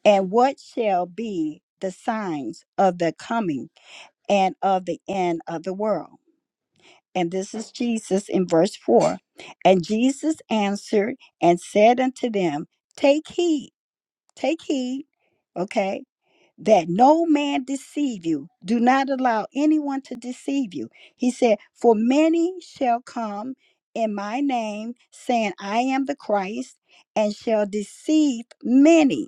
Speaker 1: and what shall be the signs of the coming and of the end of the world And this is Jesus in verse 4. And Jesus answered and said unto them, Take heed, take heed, okay, that no man deceive you. Do not allow anyone to deceive you. He said, For many shall come in my name, saying, I am the Christ, and shall deceive many.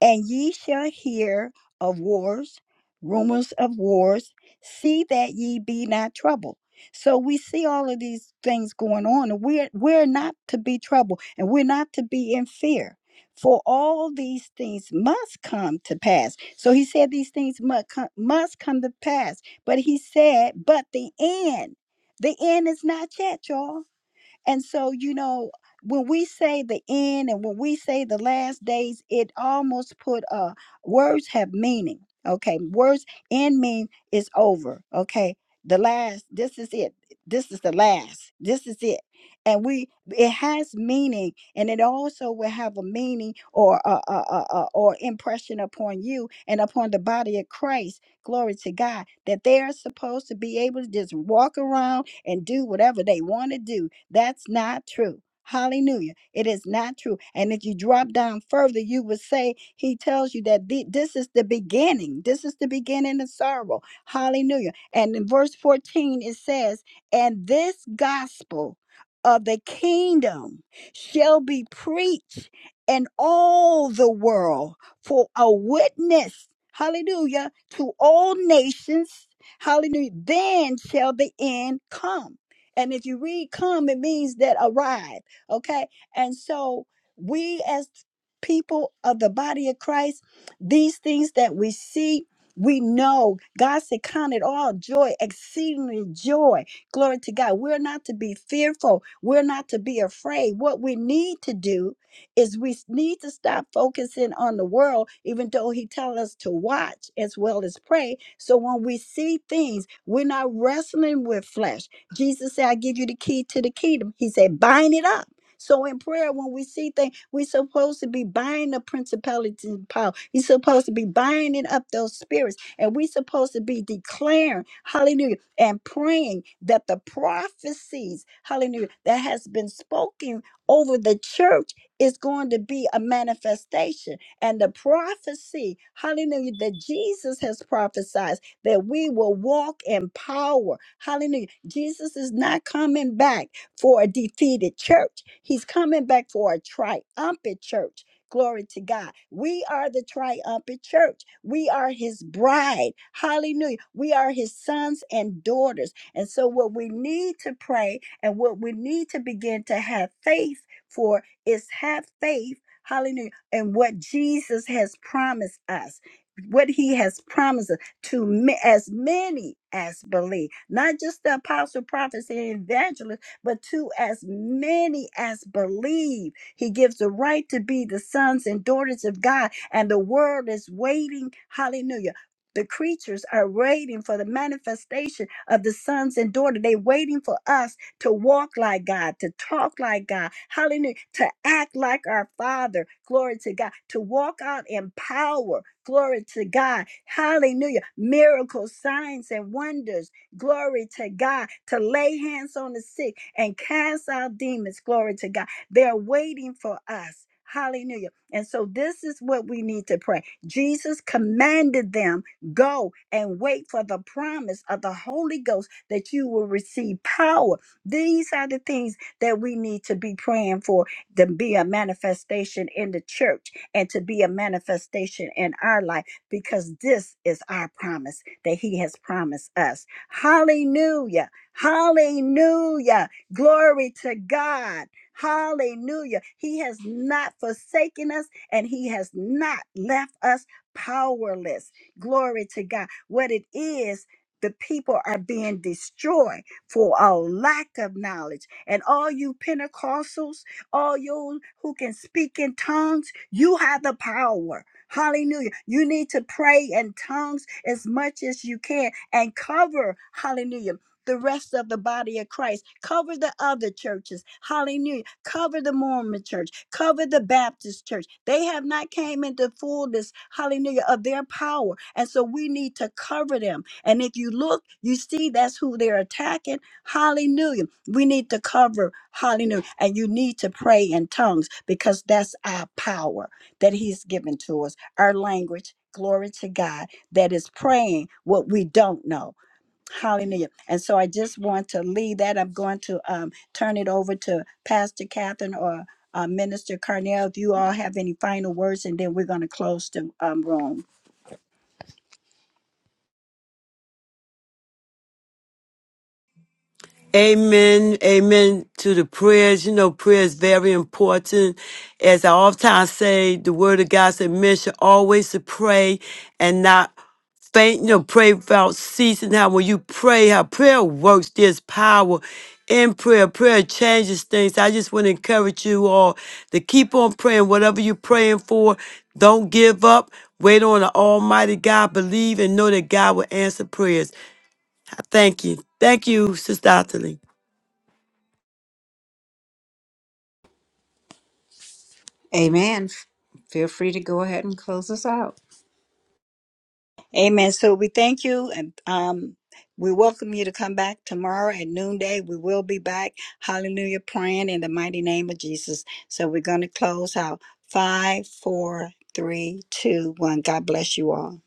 Speaker 1: And ye shall hear of wars, rumors of wars. See that ye be not troubled. So we see all of these things going on, and we're we're not to be troubled, and we're not to be in fear. For all these things must come to pass. So he said these things must come, must come to pass. But he said, but the end, the end is not yet, y'all and so, you know, when we say the end and when we say the last days, it almost put uh words have meaning. Okay. Words end mean is over. Okay. The last, this is it. This is the last. This is it. And we it has meaning and it also will have a meaning or a, a, a, a- or impression upon you and upon the body of Christ. Glory to God. That they are supposed to be able to just walk around and do whatever they want to do that's not true. Hallelujah. It is not true. And if you drop down further, you would say, He tells you that the- this is the beginning. This is the beginning of sorrow. Hallelujah. And in verse 14, it says, And this gospel of the kingdom shall be preached in all the world for a witness. Hallelujah. To all nations. Hallelujah. Then shall the end come. And if you read come, it means that arrive. Okay. And so we as people of the body of Christ, these things that we see, we know God said, Count it all joy, exceedingly joy. Glory to God. We're not to be fearful. We're not to be afraid. What we need to do is we s- need to stop focusing on the world, even though He tells us to watch as well as pray. So when we see things, we're not wrestling with flesh. Jesus said, I give you the key to the kingdom. He said, bind it up. So in prayer, when we see things, we're supposed to be binding the principalities and power. We're supposed to be binding up those spirits. And we're supposed to be declaring, hallelujah, and praying that the prophecies, hallelujah, that has been spoken over the church is going to be a manifestation. And the prophecy, hallelujah, that Jesus has prophesied that we will walk in power. Hallelujah. Jesus is not coming back for a defeated church, he's coming back for a triumphant church. Glory to God. We are the triumphant church. We are his bride. Hallelujah. We are his sons and daughters. And so, what we need to pray and what we need to begin to have faith for is have faith, hallelujah, and what Jesus has promised us. What he has promised us to ma- as many as believe, not just the apostle, prophets, and evangelists, but to as many as believe. He gives the right to be the sons and daughters of God, and the world is waiting. Hallelujah. The creatures are waiting for the manifestation of the sons and daughters. they waiting for us to walk like God, to talk like God, hallelujah, to act like our Father, glory to God, to walk out in power, glory to God, hallelujah, miracles, signs, and wonders, glory to God, to lay hands on the sick and cast out demons, glory to God. They're waiting for us. Hallelujah. And so this is what we need to pray. Jesus commanded them, go and wait for the promise of the Holy Ghost that you will receive power these are the things that we need to be praying for to be a manifestation in the church and to be a manifestation in our life because this is our promise that He has promised us. Hallelujah! Hallelujah! Glory to God! Hallelujah! He has not forsaken us and He has not left us powerless. Glory to God. What it is, the people are being destroyed for our lack of knowledge. And all you Pentecostals, all you who can speak in tongues, you have the power. Hallelujah. You need to pray in tongues as much as you can and cover, hallelujah, the rest of the body of Christ. Cover the other churches. Hallelujah. Cover the Mormon church. Cover the Baptist church. They have not came into fullness, hallelujah, of their power. And so we need to cover them. And if you look, you see that's who they're attacking. Hallelujah. We need to cover. Hallelujah. And you need to pray in tongues because that's our power that He's given to us, our language. Glory to God that is praying what we don't know. Hallelujah. And so I just want to leave that. I'm going to um, turn it over to Pastor Catherine or uh, Minister Carnell. If you all have any final words, and then we're going to close the um, room.
Speaker 2: Amen. Amen to the prayers. You know, prayer is very important. As I oftentimes say, the word of God said, men should always to pray and not faint, you know, pray without ceasing. How when you pray, how prayer works, there's power in prayer. Prayer changes things. I just want to encourage you all to keep on praying. Whatever you're praying for, don't give up. Wait on the Almighty God. Believe and know that God will answer prayers. Thank you. Thank you, Sister Otterly.
Speaker 5: Amen. Feel free to go ahead and close us out.
Speaker 1: Amen. So we thank you and um we welcome you to come back tomorrow at noonday. We will be back. Hallelujah. Praying in the mighty name of Jesus. So we're going to close out five, four, three, two, one. God bless you all.